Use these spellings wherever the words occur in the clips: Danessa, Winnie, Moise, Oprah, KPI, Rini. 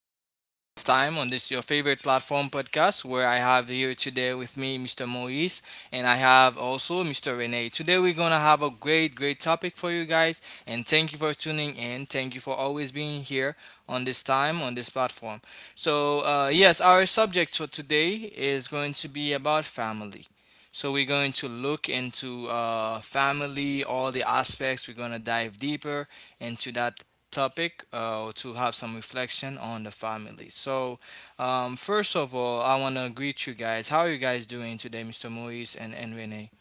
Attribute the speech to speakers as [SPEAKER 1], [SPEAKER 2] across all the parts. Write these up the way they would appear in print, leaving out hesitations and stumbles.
[SPEAKER 1] in on this time on this your favorite platform podcast where I have here today with me Mr. Moise and I have also Mr. Renee. Today we're going to have a great topic for you guys, and thank you for tuning in. Thank you for always being here on this time on this platform. So, yes, our subject for today is going to be about family. So we're going to look into family, all the aspects. We're going to dive deeper into that topic to have some reflection on the family. So, first of all, I want to greet you guys. How are you guys doing today, Mr. Moise and Renee?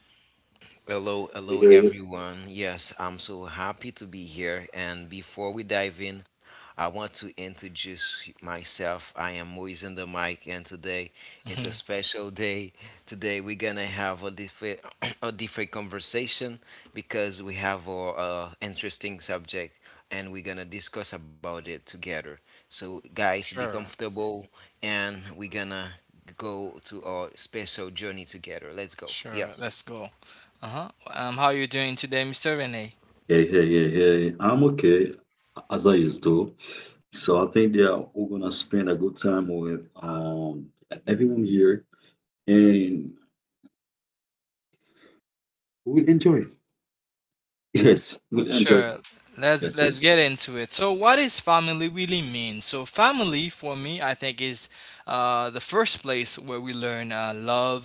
[SPEAKER 2] Hello,
[SPEAKER 3] Hey,
[SPEAKER 2] hello
[SPEAKER 3] hey,
[SPEAKER 2] everyone. Yes, I'm so happy to be here. And before we dive in, I want to introduce myself. I am Moise in the mic, and today it's a special day. Today we're gonna have a different, a different conversation because we have a interesting subject, and we're gonna discuss about it together. So, guys, be
[SPEAKER 1] Sure,
[SPEAKER 2] comfortable, and we're gonna go to our special journey together. Let's go.
[SPEAKER 1] sure.
[SPEAKER 2] Yeah.
[SPEAKER 1] Let's go. Uh huh. How are you doing today, Mr. Renee?
[SPEAKER 3] hey, hey. I'm okay as I used to. So I think that we're gonna spend a good time with everyone here and we'll enjoy. Yes, we'll enjoy.
[SPEAKER 1] Sure, let's
[SPEAKER 3] Yes,
[SPEAKER 1] let's get
[SPEAKER 3] yes.
[SPEAKER 1] into it. So, what is family really mean? So, family for me, I think, is the first place where we learn love,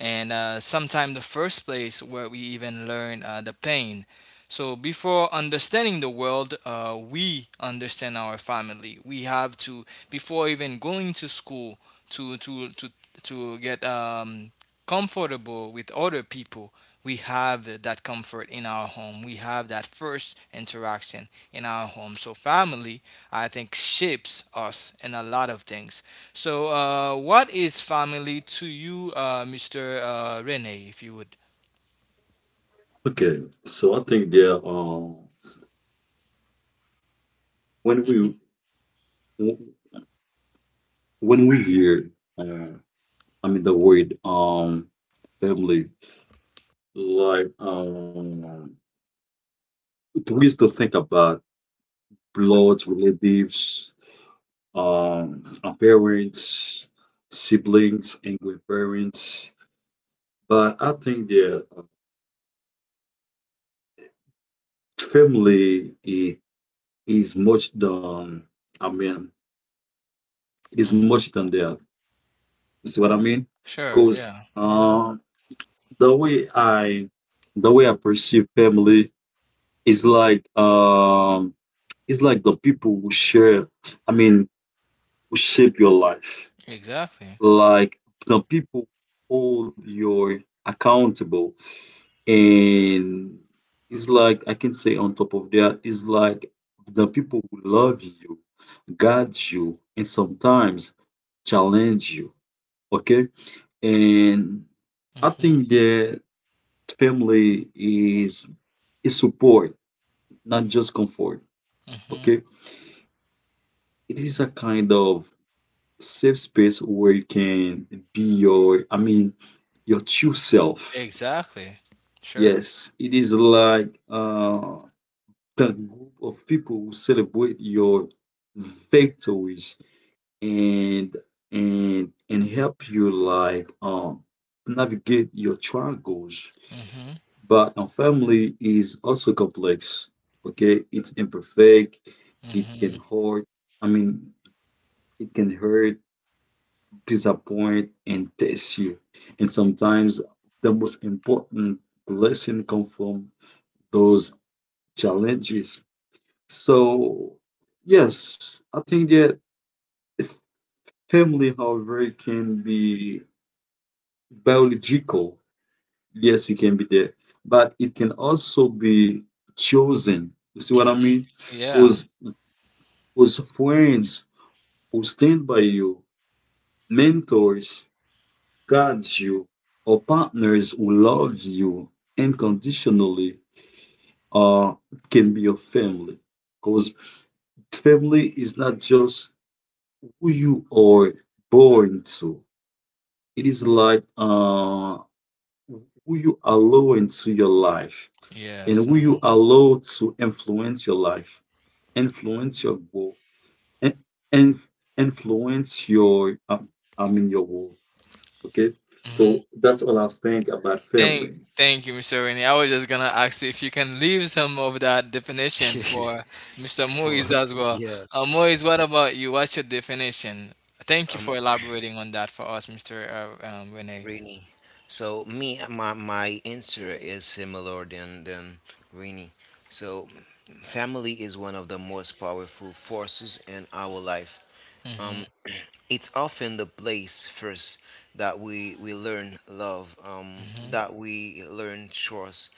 [SPEAKER 1] and sometimes the first place where we even learn the pain. So, before understanding the world, we understand our family. We have to, before even going to school, to to to to get comfortable with other people, we have that comfort in our home. We have that first interaction in our home. So family, I think, shapes us in a lot of things. So what is family to you, Mr. Rene, if you would?
[SPEAKER 3] Okay. So I think that when
[SPEAKER 1] Hmm.
[SPEAKER 3] we when we hear uh I mean the word family like we used to think about blood relatives parents, siblings, and grandparents. But I think the family is much than, I mean, it is
[SPEAKER 1] Hmm.
[SPEAKER 3] much than that. You see what I mean?
[SPEAKER 1] Sure.
[SPEAKER 3] Because
[SPEAKER 1] Yeah.
[SPEAKER 3] the way I, the way I perceive family is like, it's like the people who share, I mean, who shape your life.
[SPEAKER 1] Exactly.
[SPEAKER 3] Like the people hold your accountable, and it's like I can say on top of that, it's like the people who love you, guide you, and sometimes challenge you. Okay, and I
[SPEAKER 1] Hmm.
[SPEAKER 3] think that family is support, not just comfort.
[SPEAKER 1] Hmm.
[SPEAKER 3] Okay, it is a kind of safe space where you can be your, I mean, your true self.
[SPEAKER 1] Exactly. Sure.
[SPEAKER 3] Yes, it is like the group of people who celebrate your victories and and help you like navigate your struggles.
[SPEAKER 1] Hmm.
[SPEAKER 3] But a family is also complex. Okay, it's imperfect. It
[SPEAKER 1] Hmm.
[SPEAKER 3] can hurt. I mean, it can hurt, disappoint, and test you. And sometimes the most important lesson come from those challenges. So, yes, I think that family, however, can be biological. Yes, it can be there, but it can also be chosen. You see what I
[SPEAKER 1] Hmm.
[SPEAKER 3] mean?
[SPEAKER 1] Yeah.
[SPEAKER 3] Because those friends who stand by you, mentors, guides you, or partners who love you unconditionally, uh, can be your family. Because family is not just who you are born to. It is like who you allow into your life, and
[SPEAKER 1] Yes.
[SPEAKER 3] who you allow to influence your life, influence your goal, and, and influence your I mean your world. Okay,
[SPEAKER 1] Uh-huh.
[SPEAKER 3] so that's all I think about
[SPEAKER 1] Thank,
[SPEAKER 3] family.
[SPEAKER 1] thank you, Mr. Rainey. I was just gonna ask you if you can leave some of that definition for Mr.
[SPEAKER 2] for
[SPEAKER 1] Moise as well.
[SPEAKER 2] yeah
[SPEAKER 1] Moise, what about you? What's your definition? Thank you for
[SPEAKER 2] um
[SPEAKER 1] elaborating on that for us, Mr. Renee.
[SPEAKER 2] Rini. So me my answer is similar than Rini. So family is one of the most powerful forces in our life.
[SPEAKER 1] Mhm,
[SPEAKER 2] Um it's often the place first that we learn love,
[SPEAKER 1] mhm,
[SPEAKER 2] that we learn trust,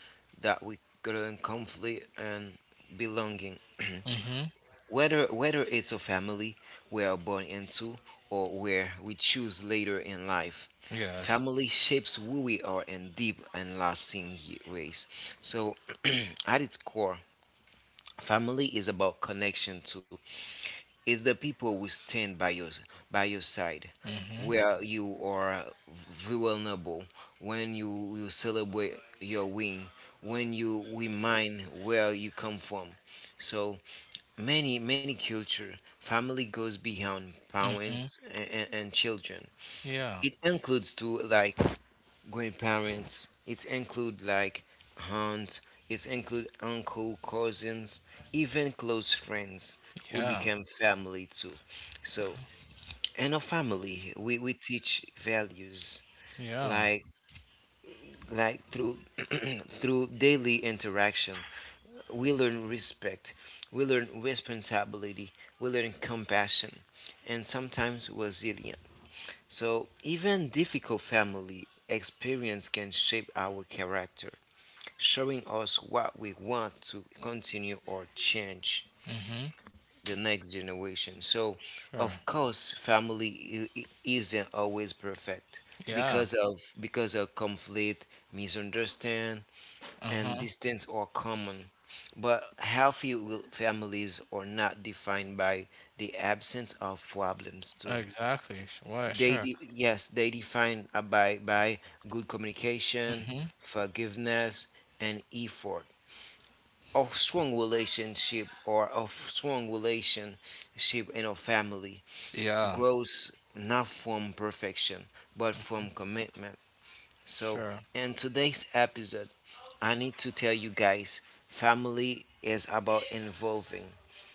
[SPEAKER 2] that we learn conflict and belonging.
[SPEAKER 1] mhm.
[SPEAKER 2] Whether it's a family we are born into or where we choose later in life,
[SPEAKER 1] Yes.
[SPEAKER 2] family shapes who we are in deep and lasting ways. So, at its core, family is about connection too. It's the people who stand by your side,
[SPEAKER 1] Mhm,
[SPEAKER 2] where you are vulnerable, when you celebrate your win, when you remind where you come from. So many culture, family goes beyond
[SPEAKER 1] mhm.
[SPEAKER 2] parents and children.
[SPEAKER 1] Yeah,
[SPEAKER 2] It includes too, like grandparents. It include like aunts. It include uncle, cousins, even close friends who
[SPEAKER 1] yeah,
[SPEAKER 2] become family too. So in our family, we teach values,
[SPEAKER 1] yeah.
[SPEAKER 2] like through through daily interaction. We learn respect, we learn responsibility, we learn compassion, and sometimes resilience. So, even difficult family experience can shape our character, showing us what we want to continue or change
[SPEAKER 1] Mhm.
[SPEAKER 2] the next generation. So,
[SPEAKER 1] Sure.
[SPEAKER 2] of course, family isn't always perfect
[SPEAKER 1] Yeah.
[SPEAKER 2] because of conflict, misunderstanding,
[SPEAKER 1] Uh
[SPEAKER 2] and
[SPEAKER 1] huh.
[SPEAKER 2] distance are common, but healthy families are not defined by the absence of problems too.
[SPEAKER 1] Exactly. What? Sure.
[SPEAKER 2] Yes, they define by good communication,
[SPEAKER 1] Mhm.
[SPEAKER 2] forgiveness, and effort. Of strong relationship, in a family,
[SPEAKER 1] Yeah.
[SPEAKER 2] grows not from perfection but from commitment. So,
[SPEAKER 1] Sure.
[SPEAKER 2] in today's episode, I need to tell you guys family is about involving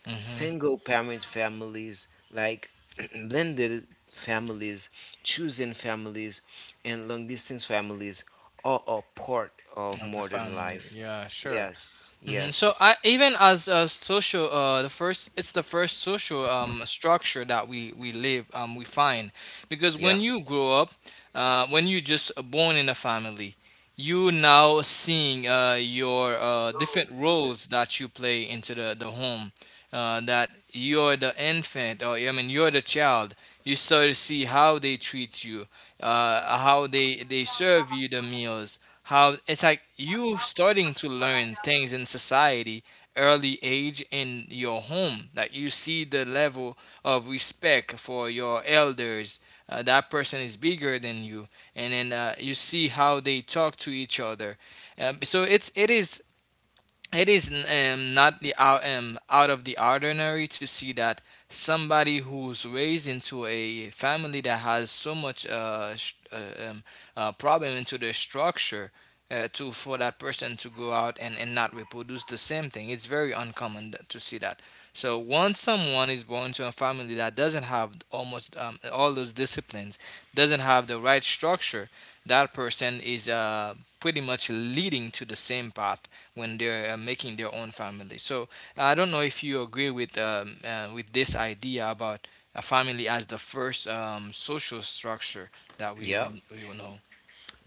[SPEAKER 1] Mhm.
[SPEAKER 2] single parent families, like blended families, choosing families, and long distance families are a part of
[SPEAKER 1] Of the
[SPEAKER 2] modern
[SPEAKER 1] family.
[SPEAKER 2] life.
[SPEAKER 1] Yeah. Sure.
[SPEAKER 2] Yes, yes,
[SPEAKER 1] So, I even, as a social, the first it's the first social structure that we live, we find, because when
[SPEAKER 2] yeah,
[SPEAKER 1] you grow up, when you just born in a family, you now seeing your different roles that you play into the home, that you're the infant, or I mean you're the child. You start to see how they treat you, how they serve you the meals, how it's like you starting to learn things in society early age in your home, like you see the level of respect for your elders, that person is bigger than you, and then you see how they talk to each other, so it is not out of the ordinary to see that somebody who's raised into a family that has so much problem into the structure, to for that person to go out and, not reproduce the same thing. It's very uncommon to see that. So once someone is born to a family that doesn't have almost all those disciplines, doesn't have the right structure, that person is pretty much leading to the same path when they're making their own family. So I don't know if you agree with this idea about a family as the first social structure that we
[SPEAKER 2] yeah.
[SPEAKER 1] we, we will know.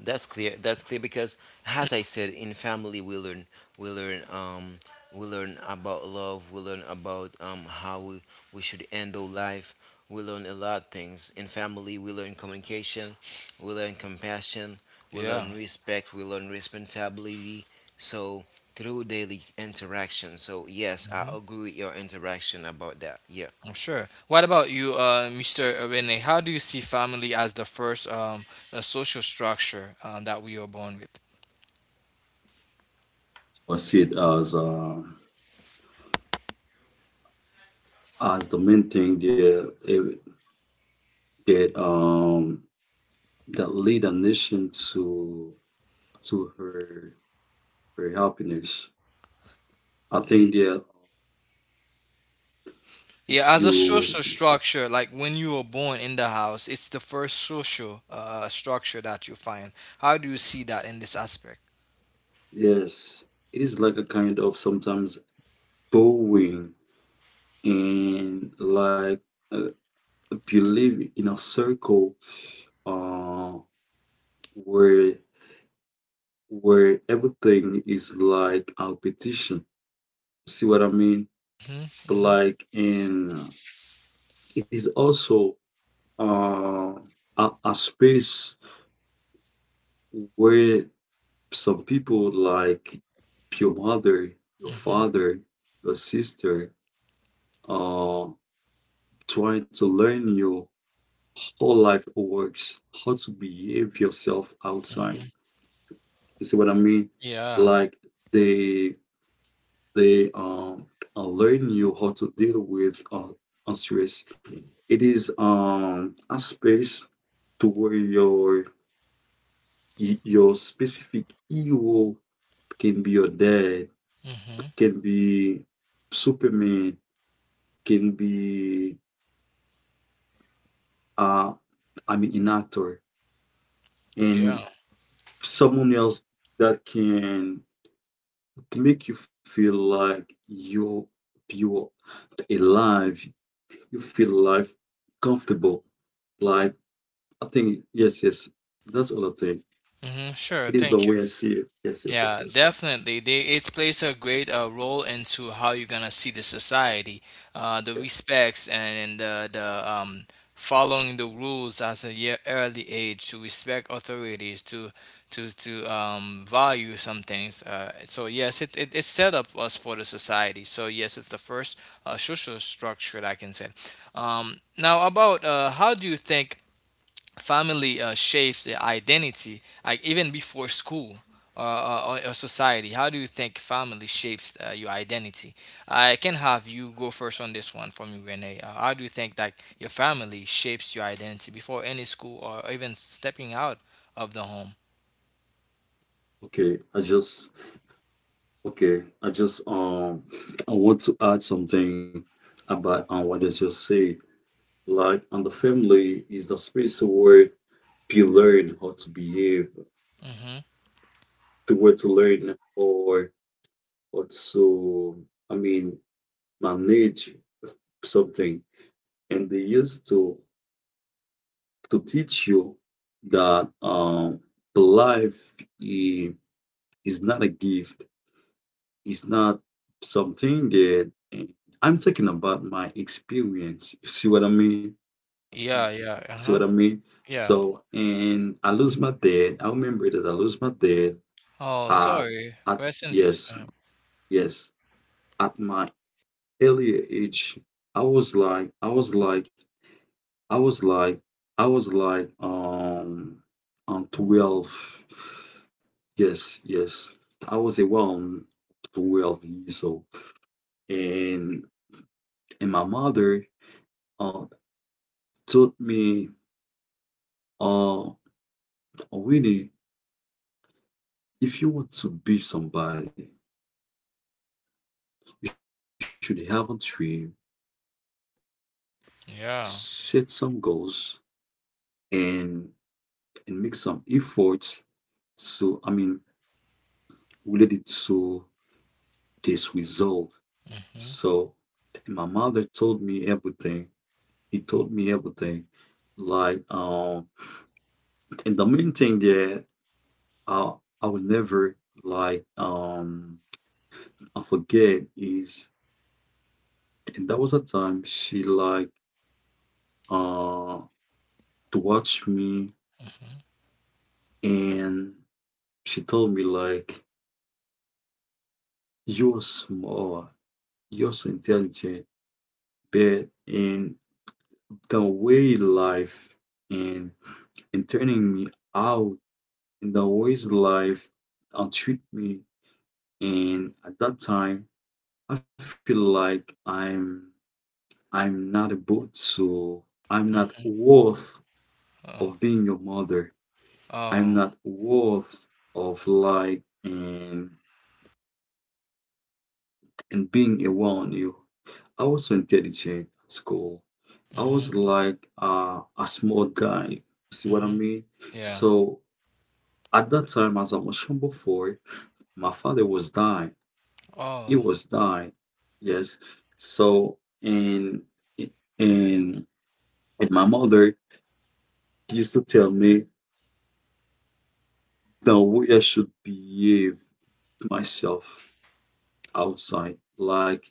[SPEAKER 2] That's clear. That's clear because, as I said, in family we learn, um, we learn about love. We learn about how we should handle life. We learn a lot of things in family. We learn communication. We learn compassion. We
[SPEAKER 1] Yeah,
[SPEAKER 2] learn respect. We learn responsibility. So through daily interaction. So yes, I
[SPEAKER 1] hmm
[SPEAKER 2] agree with your interaction about that. Yeah,
[SPEAKER 1] I'm sure. What about you, Mr. Rene? How do you see family as the first social structure that we are born with?
[SPEAKER 3] I see it as the main thing there that that lead a nation to her her happiness. I think
[SPEAKER 1] Mm.
[SPEAKER 3] that
[SPEAKER 1] Yeah,
[SPEAKER 3] if
[SPEAKER 1] as a social
[SPEAKER 3] you.
[SPEAKER 1] structure, like when you were born in the house, it's the first social structure that you find. How do you see that in this aspect?
[SPEAKER 3] Yes, it is like a kind of sometimes bowing and like uh, if you live in a circle uh, where where everything is like a competition. See what I mean?
[SPEAKER 1] Mm-hmm.
[SPEAKER 3] But
[SPEAKER 1] Mm-hmm.
[SPEAKER 3] like, and it is also uh, a space where some people like your mother, your
[SPEAKER 1] Mm-hmm.
[SPEAKER 3] father, your sister, uh. Try to learn your whole life works, how to behave yourself outside. You see what I mean?
[SPEAKER 1] Yeah.
[SPEAKER 3] Like they they um learn you how to deal with stress. It is a space to where your your specific hero can be your dad,
[SPEAKER 1] Mm-hmm.
[SPEAKER 3] can be Superman, can be uh I mean an actor. And
[SPEAKER 1] Yeah.
[SPEAKER 3] someone else that can make you feel like you are alive, you feel alive, comfortable, like I think yes, yes, that's all I think.
[SPEAKER 1] Mm-hmm. Sure.
[SPEAKER 3] It is the
[SPEAKER 1] Thank you.
[SPEAKER 3] way I see it. Yes, yes, yes,
[SPEAKER 1] Yeah,
[SPEAKER 3] yes,
[SPEAKER 1] definitely. They it plays a great role into how you're gonna see the society, the
[SPEAKER 3] yes.
[SPEAKER 1] respects, and the following the rules as a early age, to respect authorities, to value some things. So yes, it set up us for the society. So yes, it's the first social structure that I can say. Now, about how do you think family shapes the identity, like even before school or society. How do you think family shapes your identity? I can have you go first on this one. From you, Renee, how do you think that your family shapes your identity before any school or even stepping out of the home?
[SPEAKER 3] Okay, I just, okay I just I want to add something about what I just said, like, and the family is the space where you learn how to behave,
[SPEAKER 1] Mm-hmm.
[SPEAKER 3] the way to learn or also, I mean, manage something. And they used to teach you that life i- is not a gift. It's not something that I'm talking about my experience. You see what I mean?
[SPEAKER 1] Yeah, yeah,
[SPEAKER 3] See what I
[SPEAKER 1] uh-huh.
[SPEAKER 3] mean?
[SPEAKER 1] Yeah.
[SPEAKER 3] So, and I lose my dad. I remember that I lose my dad
[SPEAKER 1] Oh,
[SPEAKER 3] at,
[SPEAKER 1] sorry.
[SPEAKER 3] at,
[SPEAKER 1] Rest in peace to
[SPEAKER 3] yes,
[SPEAKER 1] him.
[SPEAKER 3] yes, at my earlier age, I was like, I was like, I was like, I was like, 12. Yes, yes. I was around 12 years old. And my mother uh told me, uh, Winnie, if you want to be somebody, you should have a dream, set some goals,
[SPEAKER 1] Yeah.
[SPEAKER 3] and make some efforts to, I mean, related to this result. So
[SPEAKER 1] Mm-hmm.
[SPEAKER 3] my mother told me everything. He told me everything. Like and the main thing that I I will never like um I forget is, and that was a time she like uh to watch me,
[SPEAKER 1] Mm-hmm.
[SPEAKER 3] and she told me like, you're smart, you're so intelligent, but in the way life and and turning me out and I always life, and treat me. And at that time, I feel like I'm not a boat, so I'm not
[SPEAKER 1] Mm-hmm.
[SPEAKER 3] worth
[SPEAKER 1] Oh.
[SPEAKER 3] of being your mother. I'm
[SPEAKER 1] Oh.
[SPEAKER 3] not worth of like and being around you. I was so intelligent at school. I
[SPEAKER 1] Mm-hmm.
[SPEAKER 3] was like a small guy. See what I
[SPEAKER 1] Mm-hmm.
[SPEAKER 3] mean?
[SPEAKER 1] Yeah.
[SPEAKER 3] So at that time, as I mentioned before, my father was dying. It
[SPEAKER 1] Oh.
[SPEAKER 3] was died. Yes. So and and my mother used to tell me the way I should behave myself outside. Like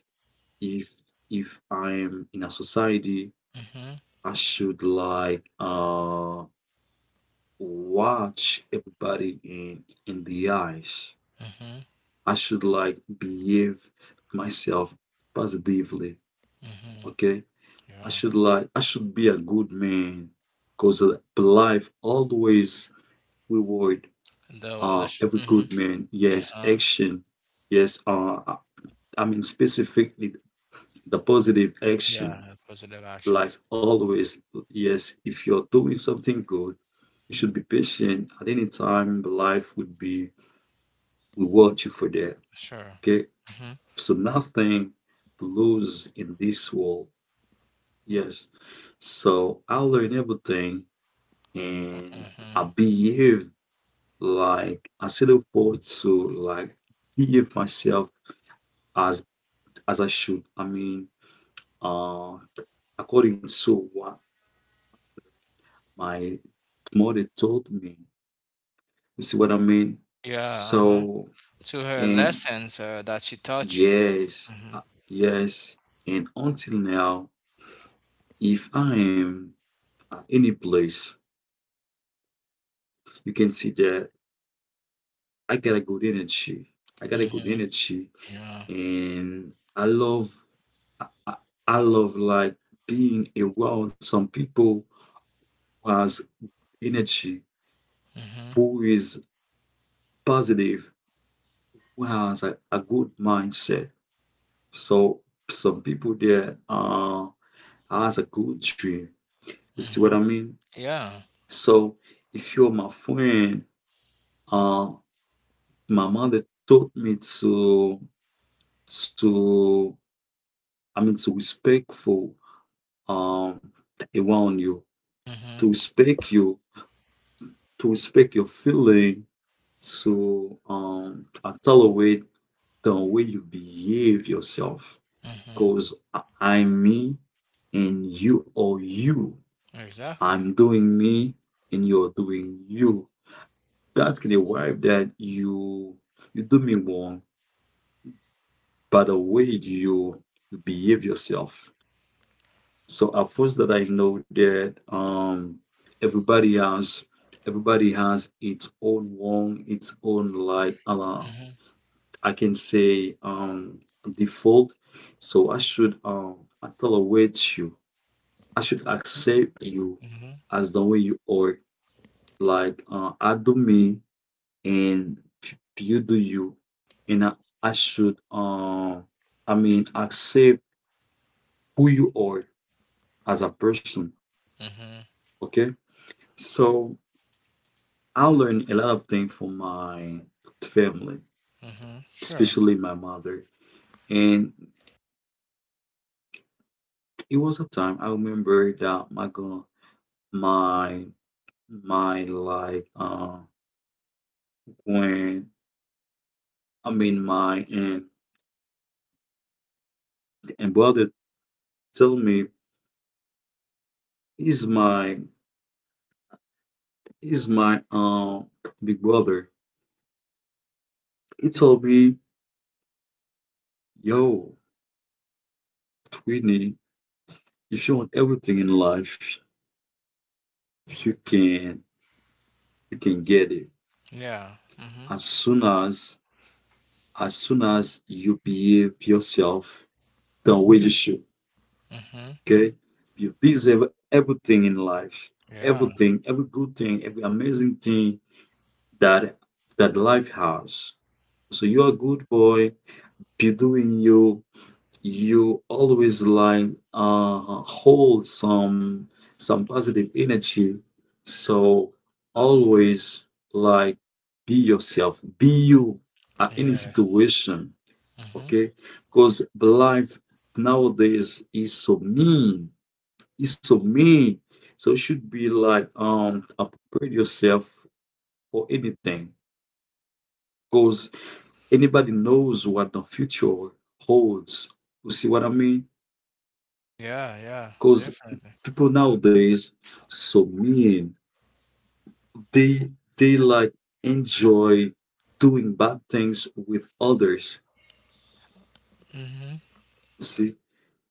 [SPEAKER 3] if if I'm in a society,
[SPEAKER 1] Mm-hmm.
[SPEAKER 3] I should like watch everybody in the eyes.
[SPEAKER 1] Mm-hmm.
[SPEAKER 3] I should like behave myself positively.
[SPEAKER 1] Mm-hmm.
[SPEAKER 3] Okay.
[SPEAKER 1] Yeah.
[SPEAKER 3] I should be a good man, cause life always reward every
[SPEAKER 1] Mm-hmm.
[SPEAKER 3] good man. Yes,
[SPEAKER 1] Uh-huh.
[SPEAKER 3] action. Yes, I mean specifically the positive
[SPEAKER 1] Yeah,
[SPEAKER 3] action.
[SPEAKER 1] positive actions.
[SPEAKER 3] Life always. Yes, if you're doing something good, you should be patient. At any time, life would be reward you for that.
[SPEAKER 1] Sure.
[SPEAKER 3] Okay,
[SPEAKER 1] Mm-hmm.
[SPEAKER 3] so nothing to lose in this world. Yes, so I learned everything and
[SPEAKER 1] Mm-hmm.
[SPEAKER 3] I behave like I still afford to like behave myself as as I should. I mean, uh, according to what my mother told me. You see what I mean?
[SPEAKER 1] Yeah, uh-huh.
[SPEAKER 3] So
[SPEAKER 1] To her
[SPEAKER 3] and
[SPEAKER 1] lessons that she taught you.
[SPEAKER 3] yes,
[SPEAKER 1] Mm-hmm.
[SPEAKER 3] yes, and until now, if I am at any place, you can see that I got a good energy. I got a good
[SPEAKER 1] Mm-hmm.
[SPEAKER 3] energy,
[SPEAKER 1] Yeah.
[SPEAKER 3] and I love I I love like being around some people who has energy,
[SPEAKER 1] Mm-hmm.
[SPEAKER 3] who is positive, who has a good mindset. So some people there has a good dream. You see
[SPEAKER 1] Mm-hmm.
[SPEAKER 3] what I mean?
[SPEAKER 1] Yeah.
[SPEAKER 3] So if you're my friend, uh my mother taught me to to I mean to respectful um around
[SPEAKER 1] Mm-hmm.
[SPEAKER 3] you, to respect your feeling. So, accelerate the way you behave yourself.
[SPEAKER 1] Mm-hmm.
[SPEAKER 3] Cause I'm me and you are you.
[SPEAKER 1] Exactly.
[SPEAKER 3] I'm doing me and you're doing you. That's gonna arrive that you do me wrong by the way you you behave yourself. So at first that I know that everybody has everybody has its own wrong, its own like
[SPEAKER 1] Mm-hmm.
[SPEAKER 3] I can say default. So I should tolerate you. I should accept you
[SPEAKER 1] Mm-hmm.
[SPEAKER 3] as the way you are. Like I do me and you do you, and I should I mean accept who you are as a person.
[SPEAKER 1] Mm-hmm.
[SPEAKER 3] Okay. So I learned a lot of things from my family,
[SPEAKER 1] Mm-hmm. Sure.
[SPEAKER 3] especially my mother. And it was a time I remember that my God, my my like when I mean my and brother told me, he's my he's my big brother. He told me, yo, Twinny, if you want everything in life, you can get it.
[SPEAKER 1] Yeah. Mm-hmm.
[SPEAKER 3] As soon as soon as you behave yourself the way you should,
[SPEAKER 1] Mm-hmm.
[SPEAKER 3] okay? You deserve everything in life.
[SPEAKER 1] Yeah.
[SPEAKER 3] Everything, every good thing, every amazing thing that life has. So you're a good boy, be doing you. You always like hold some positive energy. So always like be yourself, be you at any
[SPEAKER 1] Yeah.
[SPEAKER 3] situation,
[SPEAKER 1] Mm-hmm.
[SPEAKER 3] okay? Because life nowadays is so mean, is so mean. So it should be like upgrade yourself for anything. Because anybody knows what the future holds. You see what I mean?
[SPEAKER 1] Yeah, yeah,
[SPEAKER 3] Because
[SPEAKER 1] definitely.
[SPEAKER 3] people nowadays so mean. They like enjoy doing bad things with others.
[SPEAKER 1] Mm-hmm.
[SPEAKER 3] You see?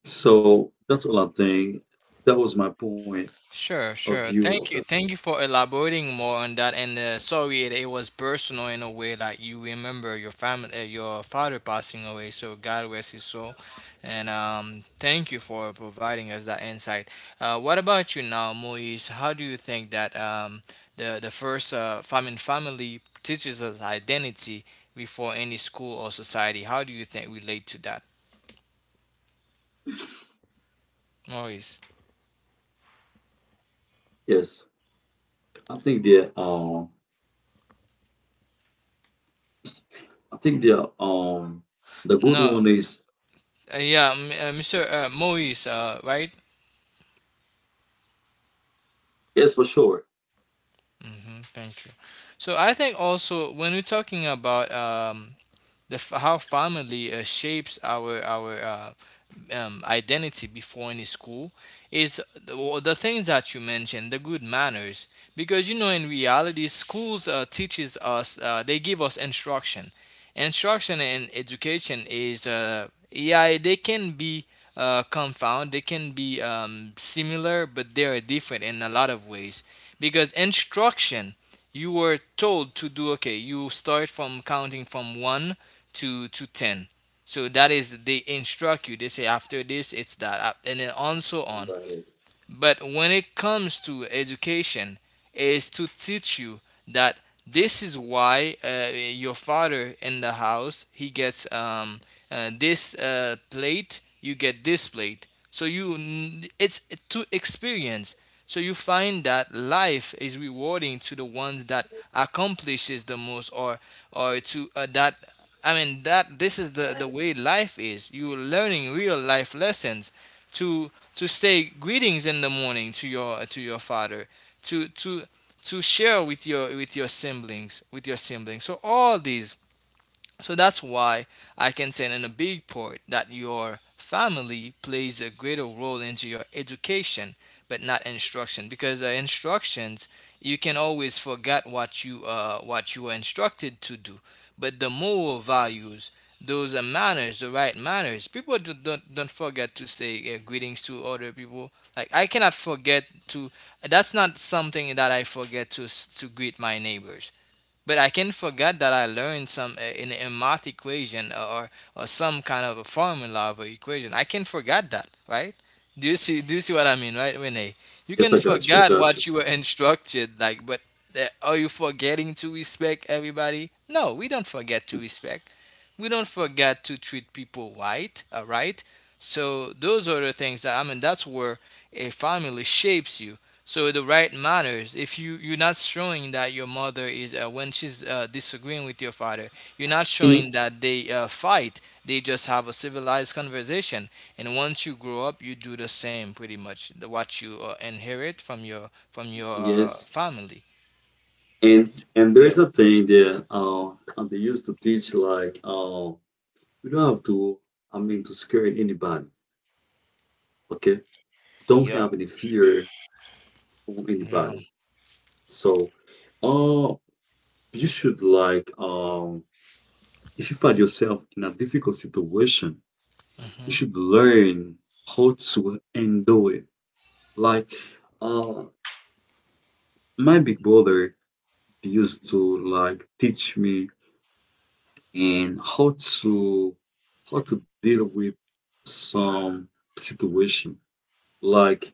[SPEAKER 3] So that's all I think. That was my point
[SPEAKER 1] Sure,
[SPEAKER 3] of
[SPEAKER 1] sure.
[SPEAKER 3] view of
[SPEAKER 1] Thank
[SPEAKER 3] that.
[SPEAKER 1] you. Thank you for elaborating more on that. And sorry, it was personal in a way, that you remember your family, your father passing away. So God rest his soul. And thank you for providing us that insight. What about you now, Moise? How do you think that the first family teaches us identity before any school or society? How do you think relate to that, Moise?
[SPEAKER 3] Yes. I think they're um I think they're the good
[SPEAKER 1] No,
[SPEAKER 3] one is,
[SPEAKER 1] yeah, Mr. Moise, right?
[SPEAKER 3] yes, for sure.
[SPEAKER 1] Mm-hmm, thank you. So I think also, when we're talking about how family shapes our identity before any school, is the, well, the things that you mentioned, the good manners. Because, you know, in reality, schools teaches us, they give us instruction. Instruction and education is, yeah, they can be confound, they can be similar, but they are different in a lot of ways. Because instruction, you were told to do, okay, you start from counting from 1 to 10, so that is, they instruct you. They say after this it's that, and then on, so on. But when it comes to education, is to teach you that this is why your father in the house, he gets this plate, you get this plate. So you it's to experience. So you find that life is rewarding to the ones that accomplishes the most, or to that. I mean that this is the way life is. You're learning real life lessons, to to say greetings in the morning to your father, to to to share with your siblings. So all these so that's why I can say, in a big part, that your family plays a greater role into your education, but not instruction, because instructions, you can always forget what you were instructed to do. But the moral values, those are manners, the right manners. People do, don't forget to say greetings to other people. Like, I cannot forget to. That's not something that I forget to greet my neighbors. But I can forget that I learned some in a math equation, or some kind of a formula of a equation. I can forget that, right? Do you see? Do you see what I mean, right, Renee? You
[SPEAKER 3] Yes, I
[SPEAKER 1] can
[SPEAKER 3] got you, I
[SPEAKER 1] forget
[SPEAKER 3] got you.
[SPEAKER 1] what you were instructed, like, but are you forgetting to respect everybody? No, we don't forget to respect. We don't forget to treat people right, all right? So those are the things that I mean. That's where a family shapes you, so the right matters. If you're not showing that your mother is, when she's disagreeing with your father, you're not showing that they fight. They just have a civilized conversation. And once you grow up, you do the same, pretty much. What you inherit from your
[SPEAKER 3] Yes.
[SPEAKER 1] family.
[SPEAKER 3] And
[SPEAKER 2] yeah,
[SPEAKER 3] there's a thing that they used to teach like you don't have to I mean to scare anybody, okay? Don't
[SPEAKER 2] yeah.
[SPEAKER 3] have any fear on
[SPEAKER 1] Yeah.
[SPEAKER 3] anybody. So uh you should like if you find yourself in a difficult situation, you
[SPEAKER 1] Mhm.
[SPEAKER 3] should learn how to handle it. Like uh my big brother used to like teach me and how to deal with some situation. Like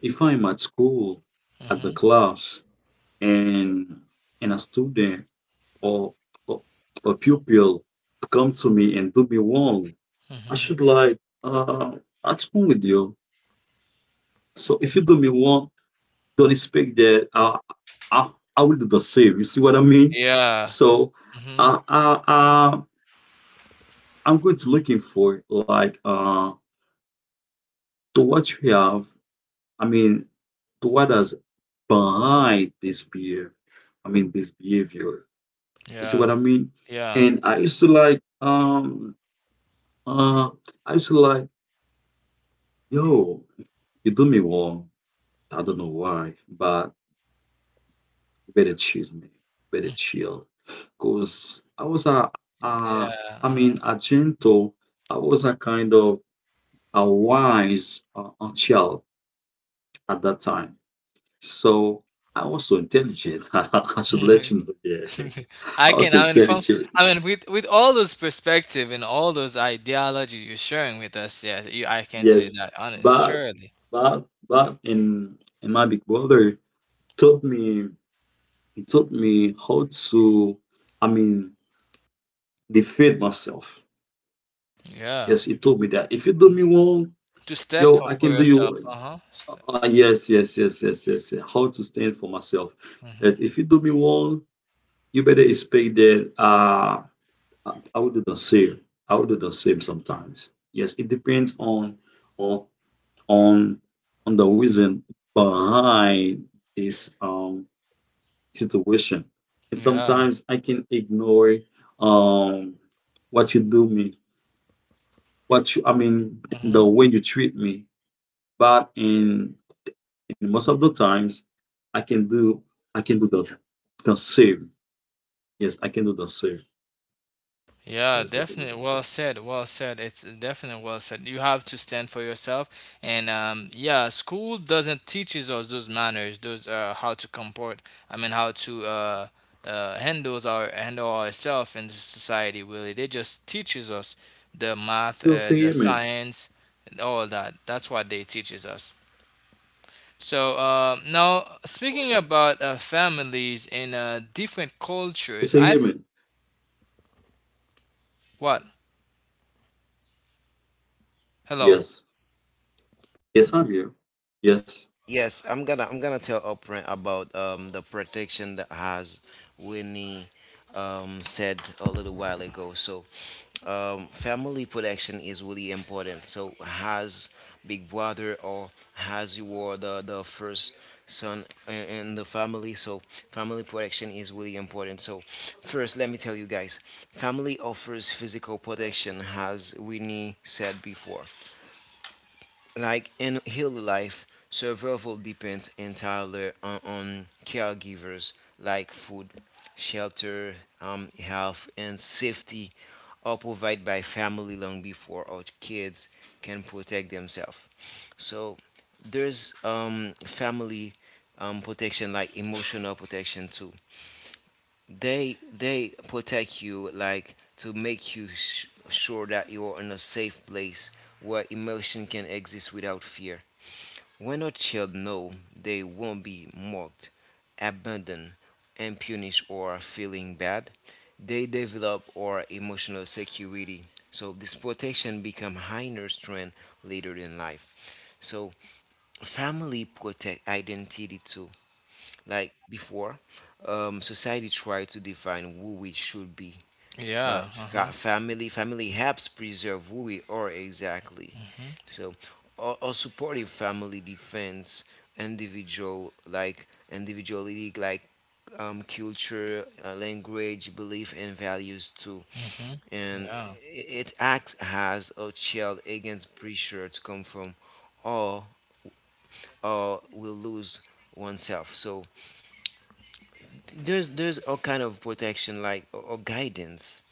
[SPEAKER 3] if I'm at school at the
[SPEAKER 1] Mhm.
[SPEAKER 3] class, and a student or, or a pupil come to me and do me wrong, I
[SPEAKER 1] Mhm.
[SPEAKER 3] should like what's wrong with you? So if you do me wrong, don't expect that I I will do the same. You see what I mean?
[SPEAKER 1] Yeah.
[SPEAKER 3] So
[SPEAKER 1] Mhm.
[SPEAKER 3] uh, uh, uh, I'm going to looking for like to what you have, I mean, to what is behind this behavior? I mean, this behavior. You see
[SPEAKER 1] Yeah.
[SPEAKER 3] what I mean?
[SPEAKER 1] Yeah.
[SPEAKER 3] And I used to like, uh, I used to like, yo, you do me wrong. I don't know why, but you better chill, man. Better chill, cause I was a, a
[SPEAKER 1] Yeah.
[SPEAKER 3] I
[SPEAKER 1] Uh-huh.
[SPEAKER 3] mean, a gentle. I was a kind of a wise a child at that time. So I was so intelligent. I should let you know. Yeah,
[SPEAKER 1] I
[SPEAKER 3] I was
[SPEAKER 1] can.
[SPEAKER 3] so
[SPEAKER 1] I mean,
[SPEAKER 3] intelligent.
[SPEAKER 1] with all those perspective and all those ideology you're sharing with us, yeah, I can
[SPEAKER 3] Yes,
[SPEAKER 1] say that, honest,
[SPEAKER 3] but
[SPEAKER 1] surely.
[SPEAKER 3] but in and my big brother taught me. He taught me how to, I mean, defend myself.
[SPEAKER 1] Yeah,
[SPEAKER 3] Yes, he told me that if you do me wrong,
[SPEAKER 1] to step
[SPEAKER 3] yo,
[SPEAKER 1] up
[SPEAKER 3] I
[SPEAKER 1] for
[SPEAKER 3] can do you.
[SPEAKER 1] yourself. Uh huh. Steps.
[SPEAKER 3] Yes, yes, yes, yes, yes, yes. How to stand for myself.
[SPEAKER 1] Hmm.
[SPEAKER 3] Yes, if you do me wrong, you better expect that. I would do the same. I would do the same sometimes. Yes, it depends on on on the reason behind this situation. And
[SPEAKER 1] Yeah.
[SPEAKER 3] sometimes I can ignore um what you do me, what you I mean
[SPEAKER 1] Mm-hmm.
[SPEAKER 3] the way you treat me. But in most of the times I can do I can do the same. Yes, I can do the same.
[SPEAKER 1] Yeah,
[SPEAKER 3] Yes, I can do
[SPEAKER 1] definitely.
[SPEAKER 3] the same.
[SPEAKER 1] Well said. Well said. It's definitely well said. You have to stand for yourself, and yeah, school doesn't teaches us those manners, those how to comport. I mean, how to handle ourselves in society. Really, they just teaches us the math,
[SPEAKER 3] You'll say
[SPEAKER 1] the
[SPEAKER 3] amen.
[SPEAKER 1] science, and all that. That's what they teaches us. So now, speaking about families in different
[SPEAKER 3] You'll
[SPEAKER 1] cultures,
[SPEAKER 3] say amen.
[SPEAKER 1] what? Hello.
[SPEAKER 3] Yes. Yes, I'm here. Yes.
[SPEAKER 2] Yes, I'm gonna tell Oprah about the protection that has Winnie said a little while ago. So family protection is really important. So has big brother, or has you were the first son, in the family. So family protection is really important. So first let me tell you guys, family offers physical protection as Winnie said before. Like in early life, survival depends entirely on caregivers like food, shelter, health, and safety are provided by family long before our kids can protect themselves. So there's family protection, like emotional protection too. They protect you like to make you sure that you are in a safe place where emotion can exist without fear. When our child know they won't be mocked, abandoned, and punished or feeling bad, they develop our emotional security. So this protection become higher strength later in life. So family protect identity too. Like before, society tried to define who we should be, but
[SPEAKER 1] Yeah. Uh huh.
[SPEAKER 2] family helps preserve who we are exactly.
[SPEAKER 1] Mhm.
[SPEAKER 2] So, or supportive family defense individual, like individuality, like culture, language, belief, and values too.
[SPEAKER 1] Mhm.
[SPEAKER 2] And
[SPEAKER 1] Yeah.
[SPEAKER 2] it acts as a shield against pressure to come from, or or will lose oneself. So there's a kind of protection, like or guidance,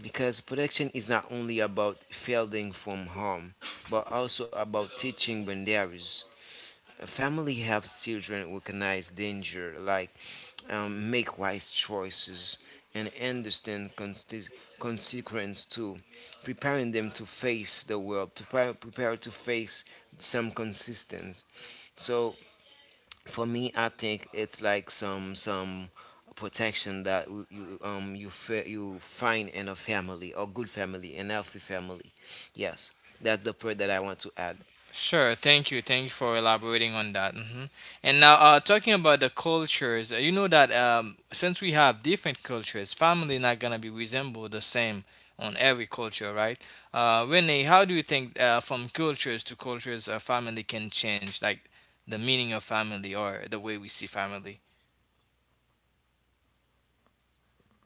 [SPEAKER 2] because protection is not only about fielding from harm, but also about teaching boundaries. Family helps children recognize danger, like make wise choices, and understand consequence too, preparing them to face the world, to prepare to face some consistence. So for me, I think it's like some protection that you you you find in a family, a good family, an healthy family. Yes, that's the part that I want to add.
[SPEAKER 1] Sure. Thank you. Thank you for elaborating on that. And now, talking about the cultures, you know that since we have different cultures, family not gonna be resembled the same on every culture, right? Renee, how do you think, from cultures to cultures, family can change, like the meaning of family or the way we see family?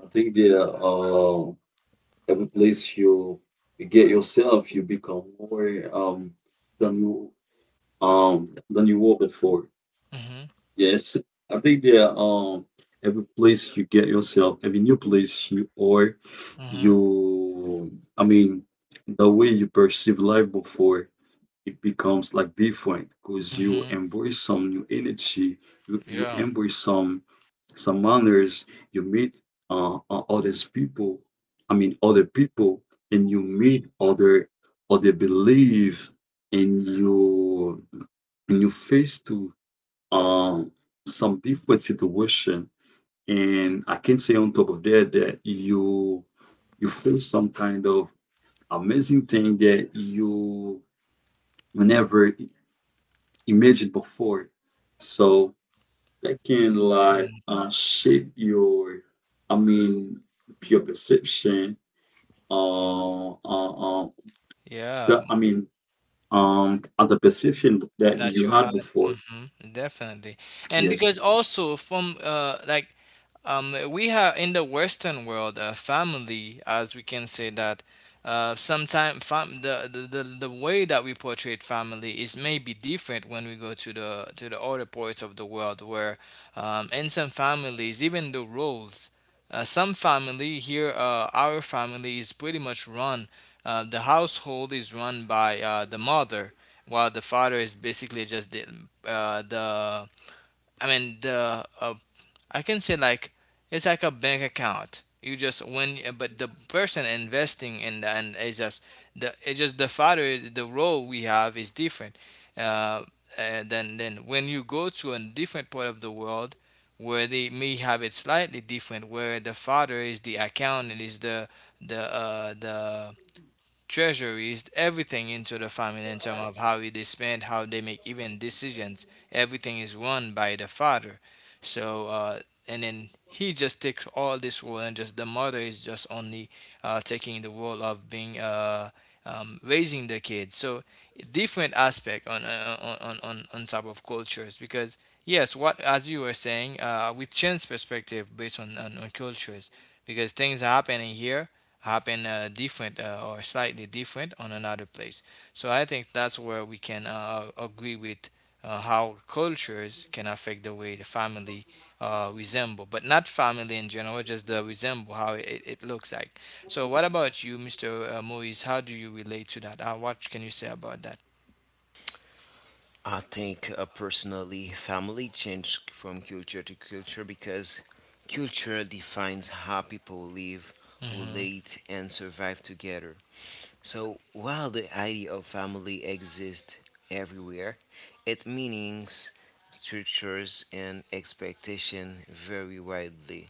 [SPEAKER 3] I think that every place you get yourself, you become more than you than you were before.
[SPEAKER 1] Mhm.
[SPEAKER 3] Yes, I think that every place you get yourself, every new place you are,
[SPEAKER 1] Mhm.
[SPEAKER 3] you, I mean the way you perceive life before, it becomes like different because you
[SPEAKER 1] Mhm.
[SPEAKER 3] embrace some new energy, you
[SPEAKER 1] Yeah.
[SPEAKER 3] embrace some manners, you meet other people, I mean other people, and you meet other belief, and you face to um some different situation. And I can say on top of that that you feel some kind of amazing thing that you whenever imagined before. So that can
[SPEAKER 1] Yeah.
[SPEAKER 3] like shape your, I mean, your perception, uh, uh, uh
[SPEAKER 1] Yeah.
[SPEAKER 3] I mean, the perception that
[SPEAKER 1] That
[SPEAKER 3] you
[SPEAKER 1] you
[SPEAKER 3] had
[SPEAKER 1] had.
[SPEAKER 3] before.
[SPEAKER 1] hmm Definitely. And
[SPEAKER 3] Yes.
[SPEAKER 1] because also from, like, we have in the Western world, family, as we can say that, sometimes the, the way that we portray family is maybe different when we go to the other parts of the world where, in some families even the roles, some family here, our family is pretty much run, the household is run by, the mother while the father is basically just the, the, I mean the, I can say like it's like a bank account. You just when but the person investing in the, and it's just the father the role we have is different. Uh, then when you go to a different part of the world where they may have it slightly different, where the father is the accountant, is the, the treasuries, everything into the family in terms of how they spend, how they make even decisions. Everything is run by the father. So, and then he just takes all this role, and just the mother is just only, taking the role of being, raising the kids. So, different aspect on, on top of cultures because. Yes, what as you were saying, we change perspective based on, on cultures because things are happening here happen, different, or slightly different on another place. So I think that's where we can, agree with, how cultures can affect the way the family, resemble, but not family in general, just the resemble how it, it looks like. So what about you, Mr. Moise? How do you relate to that? What can you say about that?
[SPEAKER 2] I think personally, family change from culture to culture because culture defines how people live,
[SPEAKER 1] Mm-hmm.
[SPEAKER 2] relate, and survive together. So while the idea of family exists everywhere, its meanings, structures, and expectation vary widely.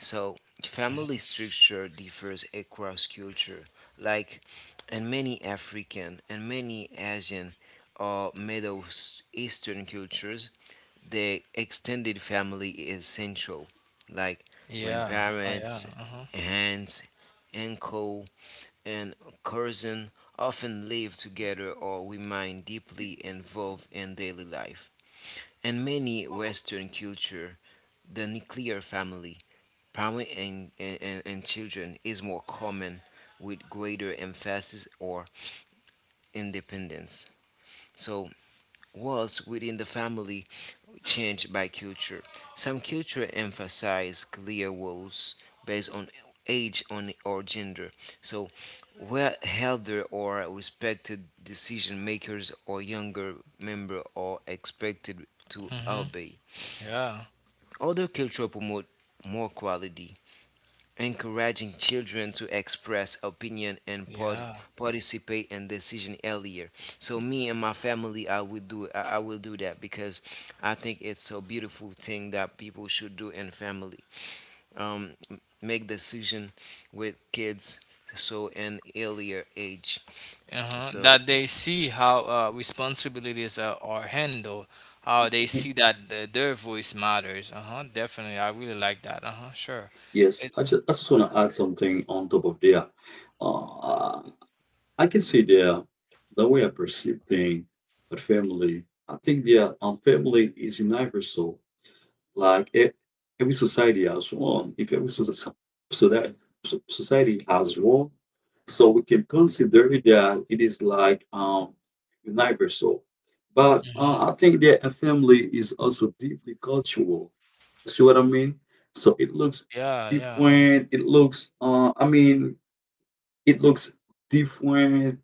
[SPEAKER 2] So, family structure differs across culture, like in many African and many Asian or Middle Eastern cultures, the extended family is central, like
[SPEAKER 1] Yeah. Uh, yeah.
[SPEAKER 2] grandparents,
[SPEAKER 1] Uh-huh.
[SPEAKER 2] aunts, uncle, and cousin often live together or remain deeply involved in daily life. In many Western culture, the nuclear family, and children, is more common, with greater emphasis or independence. So, roles within the family change by culture. Some culture emphasize clear roles based on age, or gender. So, where elder or respected decision makers, or younger member, are expected to
[SPEAKER 1] Mm-hmm.
[SPEAKER 2] obey.
[SPEAKER 1] Yeah.
[SPEAKER 2] Other culture promote more quality, encouraging children to express opinion and
[SPEAKER 1] Yeah.
[SPEAKER 2] participate in decision earlier. So me and my family, I will do that because I think it's a beautiful thing that people should do in family, make decision with kids, so in earlier age.
[SPEAKER 1] Uh-huh,
[SPEAKER 2] So
[SPEAKER 1] that they see how, responsibilities are handled, how they
[SPEAKER 3] Mm,
[SPEAKER 1] see that, their voice matters. Uh huh. Definitely, I really like that. Uh huh. Sure.
[SPEAKER 3] yes,
[SPEAKER 1] It.
[SPEAKER 3] I just want to add something on top of there. Uh I can say there The way I perceive things, but family, I think, family is universal. Like e- every society has one. If every society so so that so- Society has one, so we can consider it that it is like universal. But
[SPEAKER 1] hmm
[SPEAKER 3] I think that a family is also deeply cultural. See what I mean? So it looks
[SPEAKER 1] Yeah. Yeah.
[SPEAKER 3] different. It looks I mean it looks different.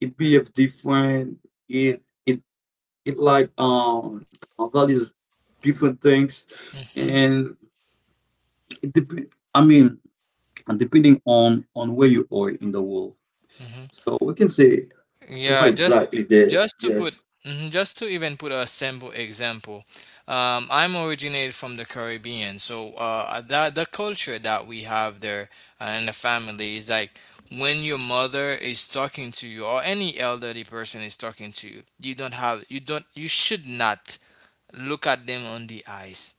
[SPEAKER 3] It behave different. It it it like values different things
[SPEAKER 1] Uh-huh.
[SPEAKER 3] and it I mean, depending on where you are in the world.
[SPEAKER 1] hmm
[SPEAKER 3] So we can say
[SPEAKER 1] Yeah,
[SPEAKER 3] why
[SPEAKER 1] just
[SPEAKER 3] exactly there.
[SPEAKER 1] just to put,
[SPEAKER 3] Yes.
[SPEAKER 1] mhm, just to even put a simple example, I'm originated from the Caribbean, so, that the culture that we have there, in the family is like when your mother is talking to you or any elderly person is talking to you, you don't have you don't you should not look at them on the eyes,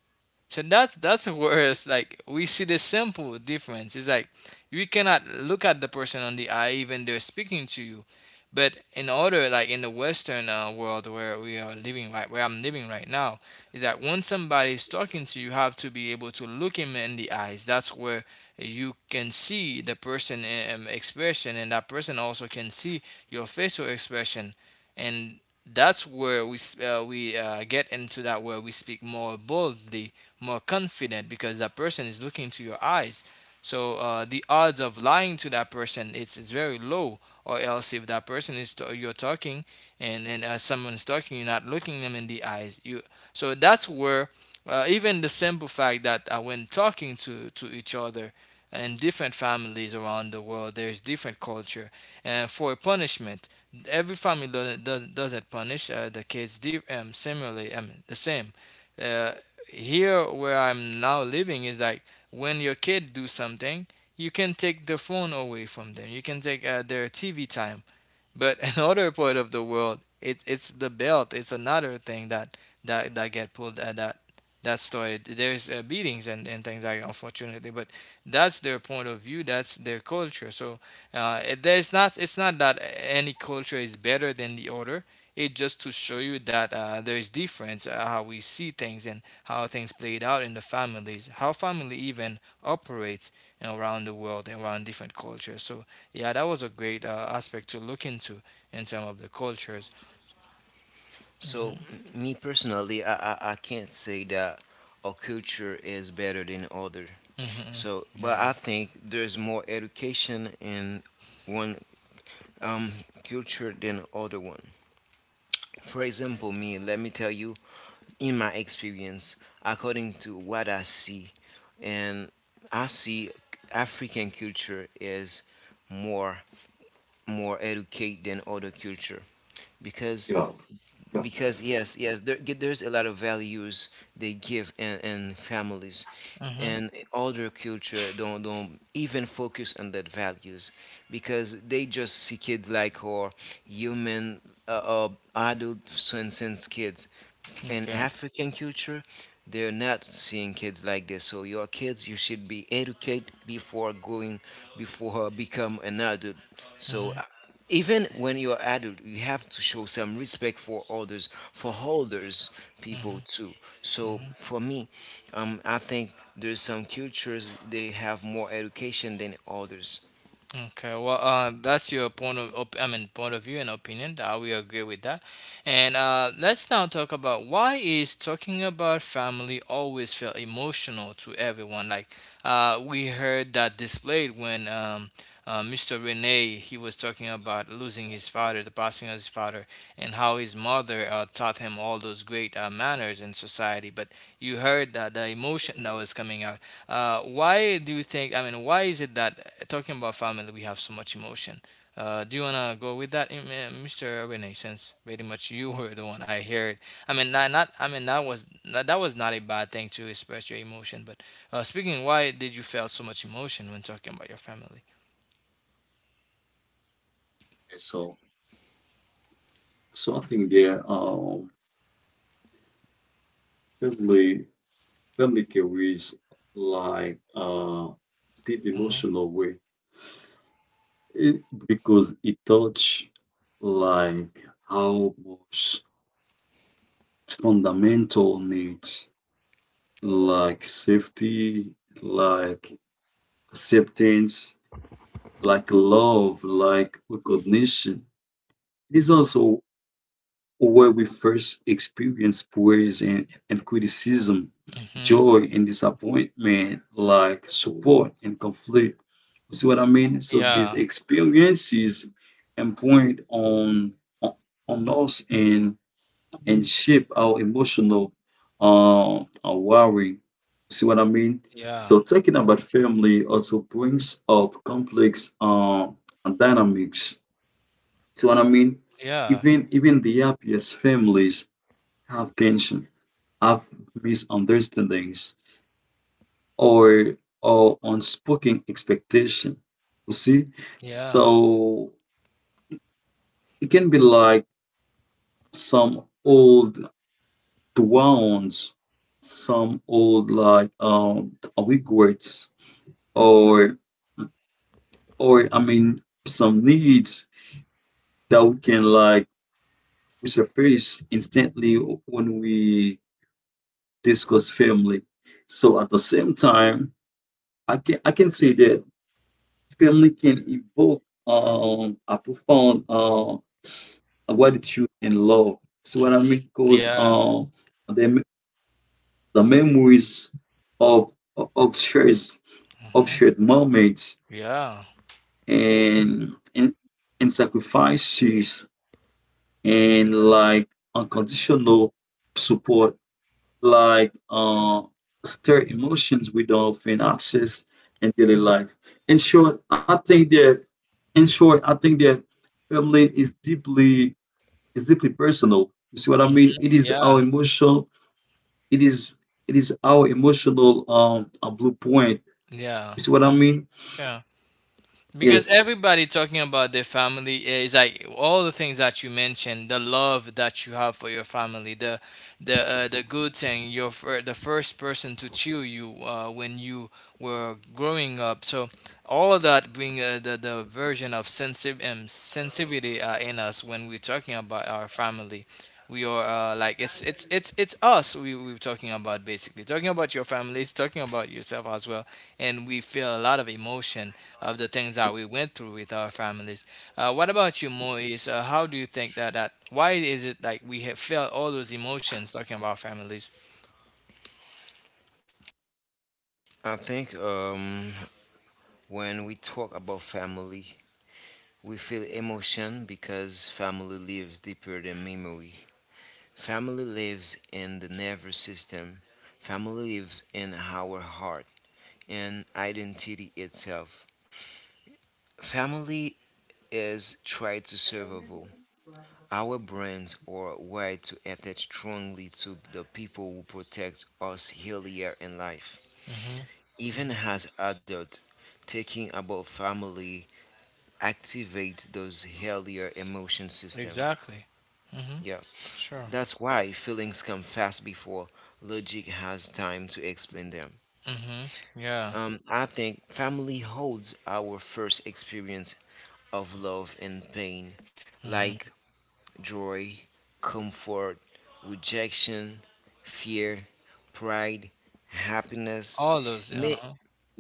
[SPEAKER 1] so that's where it's like we see the simple difference. It's like you cannot look at the person on the eye even they're speaking to you. But in order, like in the Western, world where we are living right, where I'm living right now, is that when somebody is talking to you, you have to be able to look him in the eyes. That's where you can see the person, expression, and that person also can see your facial expression, and that's where we, get into that where we speak more boldly, more confident because that person is looking to your eyes. So, the odds of lying to that person it's very low. Or else if that person is you're talking and someone's talking, you're not looking them in the eyes. You so that's where, even the simple fact that, when talking to each other in different families around the world, there's different culture. And for punishment, every family doesn't punish, the kids similarly, the same. Uh, here where I'm now living is like when your kid do something, you can take the phone away from them. You can take, their TV time. But another part of the world, it, it's the belt. It's another thing that that get pulled, that that started. There's, beatings and things like that, unfortunately, but that's their point of view. That's their culture. So, there's not. It's not that any culture is better than the other. It just to show you that, there is difference, how we see things and how things played out in the families, how family even operates around the world and around different cultures. So yeah, that was a great, aspect to look into in terms of the cultures.
[SPEAKER 2] so
[SPEAKER 1] hmm
[SPEAKER 2] me personally, I can't say that our culture is better than other.
[SPEAKER 1] hmm
[SPEAKER 2] So but
[SPEAKER 1] Yeah.
[SPEAKER 2] I think there's more education in one um culture than other one. For example, me, let me tell you, in my experience, according to what I see, and I see african culture is more more educated than other culture. Because
[SPEAKER 3] Yeah. Yeah.
[SPEAKER 2] yes, yes, there's a lot of values they give in families,
[SPEAKER 1] hmm
[SPEAKER 2] and older culture don't even focus on that values, because they just see kids like, or human, uh, uh, adult sense kids. In
[SPEAKER 1] Okay.
[SPEAKER 2] African culture, they're not seeing kids like this. So your kids, you should be educated before going, before become an adult. So
[SPEAKER 1] hmm
[SPEAKER 2] even when you're adult, you have to show some respect for others, for elders people
[SPEAKER 1] hmm
[SPEAKER 2] too. So
[SPEAKER 1] hmm
[SPEAKER 2] for me, I think there's some cultures they have more education than others.
[SPEAKER 1] Okay, well, that's your point of, I mean, point of view and opinion. I will agree with that. And let's now talk about why is talking about family always felt emotional to everyone. Like, we heard that displayed when, Mr. Rene he was talking about losing his father, the passing of his father, and how his mother, taught him all those great, manners in society. But you heard that the emotion that was coming out. Why do you think? I mean, why is it that, talking about family we have so much emotion? Do you wanna go with that, Mr. Rene? Since pretty much you were the one I heard. I mean, not, not I mean that was that, that was not a bad thing to express your emotion. But, speaking, why did you feel so much emotion when talking about your family?
[SPEAKER 3] so. So I think there family family carries like deep
[SPEAKER 1] Mm-hmm.
[SPEAKER 3] emotional weight, because it touch like how much fundamental needs, like safety, like acceptance, like love, like recognition. It is also where we first experience praise and, criticism,
[SPEAKER 1] Mm-hmm.
[SPEAKER 3] joy and disappointment, like support and conflict. You see what I mean? So these
[SPEAKER 1] Yeah.
[SPEAKER 3] experiences and point on on us and shape our emotional wiring. See what I mean?
[SPEAKER 1] Yeah.
[SPEAKER 3] So talking about family also brings up complex dynamics. See what I mean?
[SPEAKER 1] Yeah.
[SPEAKER 3] Even the happiest families have tension, have misunderstandings, or unspoken expectation. You see,
[SPEAKER 1] Yeah.
[SPEAKER 3] so it can be like some old downs, some old like regrets or or I mean some needs that we can like resurface instantly when we discuss family. So at the same time, I can say that family can evoke a profound gratitude and love. So what I
[SPEAKER 1] Mm-hmm.
[SPEAKER 3] mean? Because
[SPEAKER 1] Yeah.
[SPEAKER 3] the the memories of of shares of
[SPEAKER 1] Mm-hmm.
[SPEAKER 3] shared moments
[SPEAKER 1] Yeah.
[SPEAKER 3] and and, and sacrifices and like unconditional support, like stir emotions we don't often access in daily life. In short, I think that in short, I think that family is deeply, is deeply personal. You see what I mean? It is
[SPEAKER 1] Yeah.
[SPEAKER 3] our emotional, it is it is our emotional blueprint.
[SPEAKER 1] Yeah.
[SPEAKER 3] You see what I
[SPEAKER 1] hmm
[SPEAKER 3] mean?
[SPEAKER 1] Sure. Because
[SPEAKER 3] Yes.
[SPEAKER 1] everybody talking about their family is like all the things that you mentioned, the love that you have for your family, the, the good thing, you're the first person to cheer you, when you were growing up. So all of that bring, the version of sensitive, sensitivity, in us when we're talking about our family we are, like it's it's us we are talking about basically talking about your families talking about yourself as well and we feel a lot of emotion of the things that we went through with our families, what about you Moise, how do you think that that why is it like we have felt all those emotions talking about families?
[SPEAKER 2] I think when we talk about family, we feel emotion because family lives deeper than memory. Family lives in the nervous system. Family lives in our heart and identity itself. Family is tied to survival. Our brains are wired to attach strongly to the people who protect us earlier in life.
[SPEAKER 1] hmm
[SPEAKER 2] Even
[SPEAKER 1] hmm
[SPEAKER 2] as adults, thinking about family activates those earlier emotion system.
[SPEAKER 1] exactly. hmm
[SPEAKER 2] Yeah.
[SPEAKER 1] sure.
[SPEAKER 2] That's why feelings come fast before logic has time to explain them.
[SPEAKER 1] hmm yeah.
[SPEAKER 2] I think family holds our first experience of love and pain, like
[SPEAKER 1] hmm
[SPEAKER 2] joy, comfort, rejection, fear, pride, happiness.
[SPEAKER 1] all those
[SPEAKER 2] Ma-
[SPEAKER 1] uh,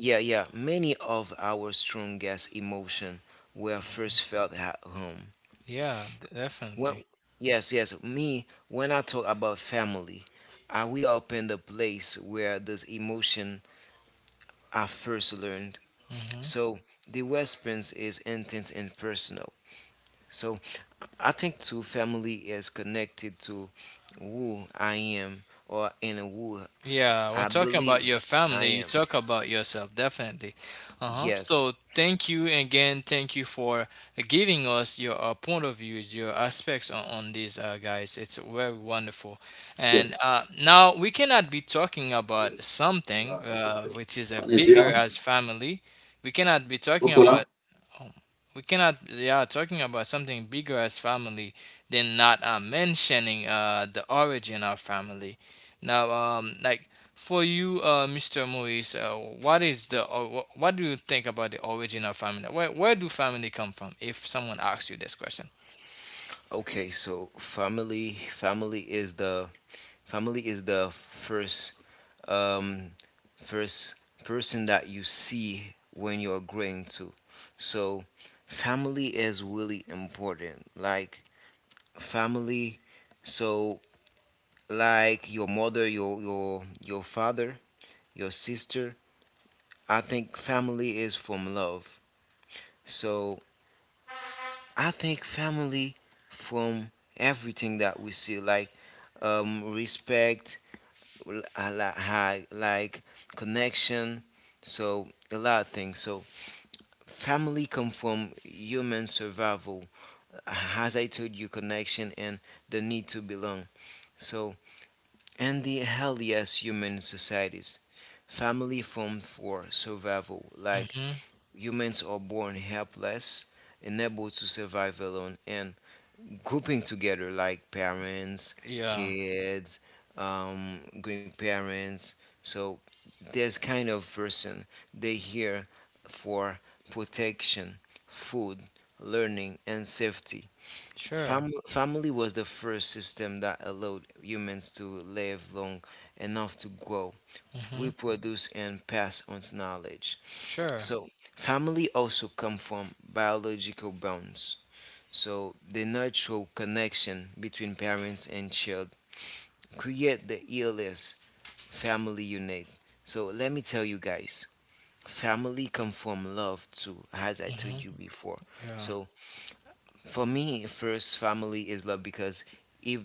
[SPEAKER 2] yeah, yeah. Many of our strongest emotions were first felt at home.
[SPEAKER 1] yeah,
[SPEAKER 2] When,
[SPEAKER 1] definitely.
[SPEAKER 2] yes, yes, me, when I talk about family, I will open the place where those emotions are first learned.
[SPEAKER 1] Mm-hmm.
[SPEAKER 2] So the response is intense and personal. So I think too, family is connected to who I am, or in who
[SPEAKER 1] Yeah, we're
[SPEAKER 2] I
[SPEAKER 1] talking about
[SPEAKER 2] believe
[SPEAKER 1] your
[SPEAKER 2] I
[SPEAKER 1] family. You
[SPEAKER 2] am.
[SPEAKER 1] talk about yourself, definitely. Uh-huh.
[SPEAKER 2] Yes.
[SPEAKER 1] So thank you again. Thank you for giving us your, point of views, your aspects on these, guys. It's very wonderful. And,
[SPEAKER 3] Yes.
[SPEAKER 1] now we cannot be talking about something, which is a
[SPEAKER 3] Manesia?
[SPEAKER 1] bigger as family. We cannot be talking
[SPEAKER 3] Hopefully.
[SPEAKER 1] about home. We cannot, yeah, talking about something bigger as family, then not, mentioning, the origin of family. Now, like for you, Mr. Maurice, what is the, or what do you think about the origin of family? Where do family come from? If someone asks you this question.
[SPEAKER 2] Okay, so family is the first um first person that you see when you're growing to. So family is really important. Like family, so like your mother, your father, your sister. I think family is from love. So I think family from everything that we see, like respect, like connection, so a lot of things. So family come from human survival, as I told you, connection and the need to belong. So and the healthiest human societies, family formed for survival, like
[SPEAKER 1] Mm-hmm.
[SPEAKER 2] humans are born helpless, unable to survive alone, and grouping together like parents,
[SPEAKER 1] Yeah.
[SPEAKER 2] kids, grandparents. So there's kind of person they here for protection, food, learning, and safety.
[SPEAKER 1] Sure.
[SPEAKER 2] Family was the first system that allowed humans to live long enough to grow,
[SPEAKER 1] Mm-hmm.
[SPEAKER 2] reproduce, and pass on knowledge.
[SPEAKER 1] Sure.
[SPEAKER 2] So, family also come from biological bonds. So the natural connection between parents and child create the ELS family unit. So let me tell you guys, family come from love too, as I told
[SPEAKER 1] Mm-hmm.
[SPEAKER 2] you before.
[SPEAKER 1] Yeah.
[SPEAKER 2] So for me, first family is love because if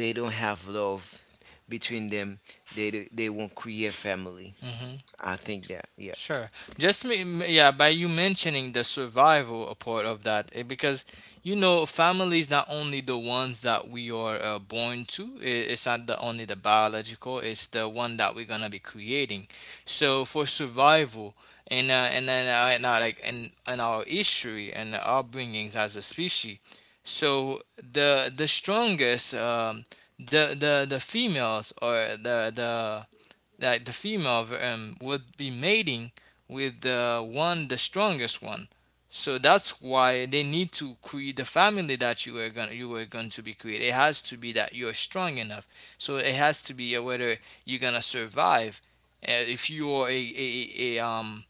[SPEAKER 2] they don't have love between them, they won't create family.
[SPEAKER 1] Mm-hmm.
[SPEAKER 2] I think that, yeah.
[SPEAKER 1] Sure. Just me, yeah, by you mentioning the survival a part of that, eh, because you know, family is not only the ones that we are, born to. It's not the only the biological. It's the one that we're gonna be creating. So for survival, and, and then, and, like in our history and our bringings as a species, so the strongest, the the females or the that the female, would be mating with the one, the strongest one. So that's why they need to create the family that you are going to be created. It has to be that you're strong enough. So it has to be, whether you're gonna survive. If you are a, a, a um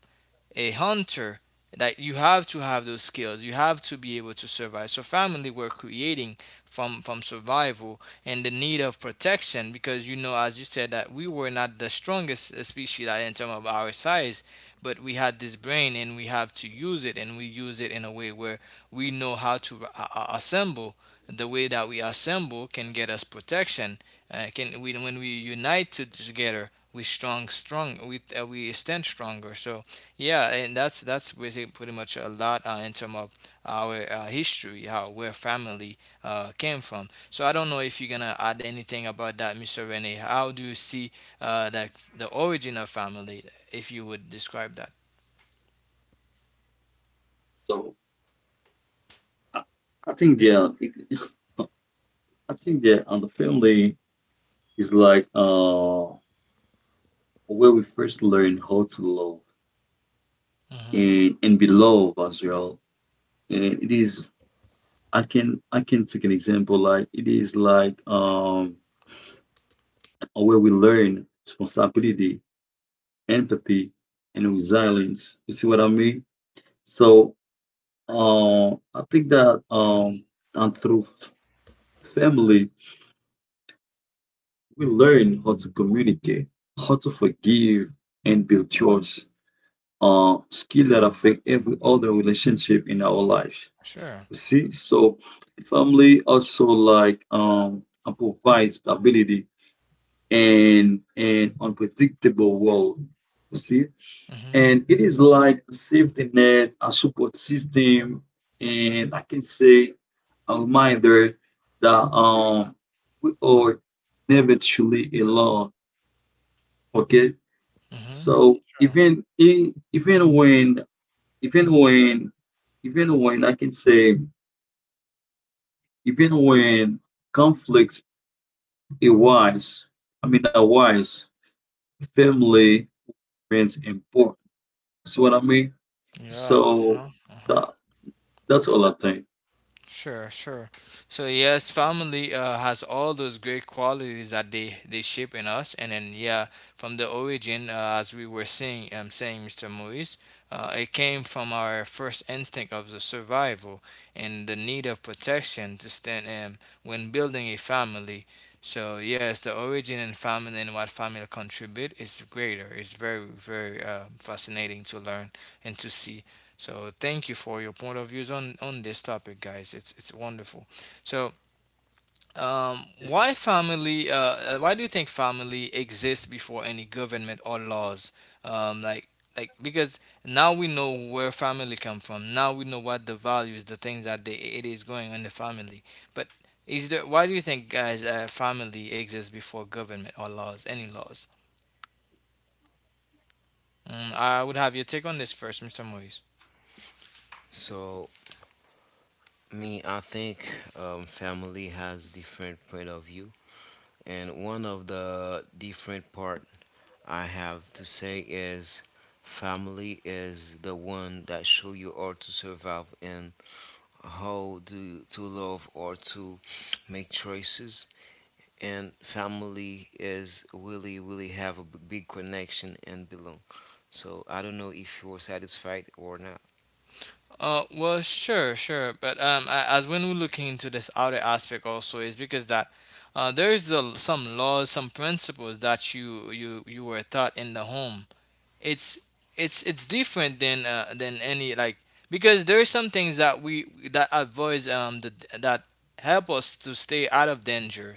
[SPEAKER 1] a hunter that you have to have those skills. You have to be able to survive, so family we're creating from survival and the need of protection, because you know, as you said, that we were not the strongest species, like, in terms of our size. But we had this brain and we have to use it, and we use it in a way where we know how to assemble. The way that we assemble can get us protection. Can we, when we unite together we strong, strong, we stand stronger. So yeah, and that's basically pretty much a lot in terms of our history, how where family came from. So I don't know if you're gonna add anything about that, Mr. Rene. How do you see that the origin of family, if you would describe that?
[SPEAKER 3] So I, I think they are. I think they and the family is like where we first learn how to love
[SPEAKER 1] Mm-hmm.
[SPEAKER 3] and be loved as well. And it is, I can take an example, like it is like where we learn responsibility, empathy, and resilience. You see what I mean? So I think that
[SPEAKER 1] Yeah,
[SPEAKER 3] and through family, we learn how to communicate, how to forgive, and build trust. Skill that affect every other relationship in our lives.
[SPEAKER 1] sure.
[SPEAKER 3] You see, so family also like provides stability and an unpredictable world. You see,
[SPEAKER 1] Mm-hmm.
[SPEAKER 3] and it is like a safety net, a support system, and I can say a reminder that we are never truly alone. Okay,
[SPEAKER 1] Mm-hmm.
[SPEAKER 3] so
[SPEAKER 1] Sure.
[SPEAKER 3] even when, even when I can say, even when conflicts arise, I mean arise, family remains important. See what I mean?
[SPEAKER 1] Yeah.
[SPEAKER 3] So
[SPEAKER 1] Uh-huh. Uh-huh.
[SPEAKER 3] that that's all I think.
[SPEAKER 1] Sure, sure. So yes, family has all those great qualities that they shape in us, and then yeah, from the origin, as we were saying, saying Mr. Moise, it came from our first instinct of the survival and the need of protection to stand when building a family. So yes, the origin and family and what family contribute is greater. It's very, very fascinating to learn and to see. So thank you for your point of views on this topic, guys. It's wonderful. So um,
[SPEAKER 3] It's
[SPEAKER 1] why family? Why do you think family exists before any government or laws? Um, like like because now we know where family come from. Now we know what the values, the things that they, it is going on in the family. But is there? Why do you think, guys, family exists before government or laws? Any laws? Mm, I would have your take on this first, Mr. Moise.
[SPEAKER 2] So me, I think family has different point of view. And one of the different part I have to say is family is the one that show you how to survive and how to love or to make choices. And family is really, really have a big connection and belong. So I don't know if you're satisfied or not.
[SPEAKER 1] Well, sure, sure, but as when we look into this other aspect also is because that there is a, some laws, some principles that you were taught in the home. It's it's different than any, like, because there is some things that we, that avoids the, that help us to stay out of danger,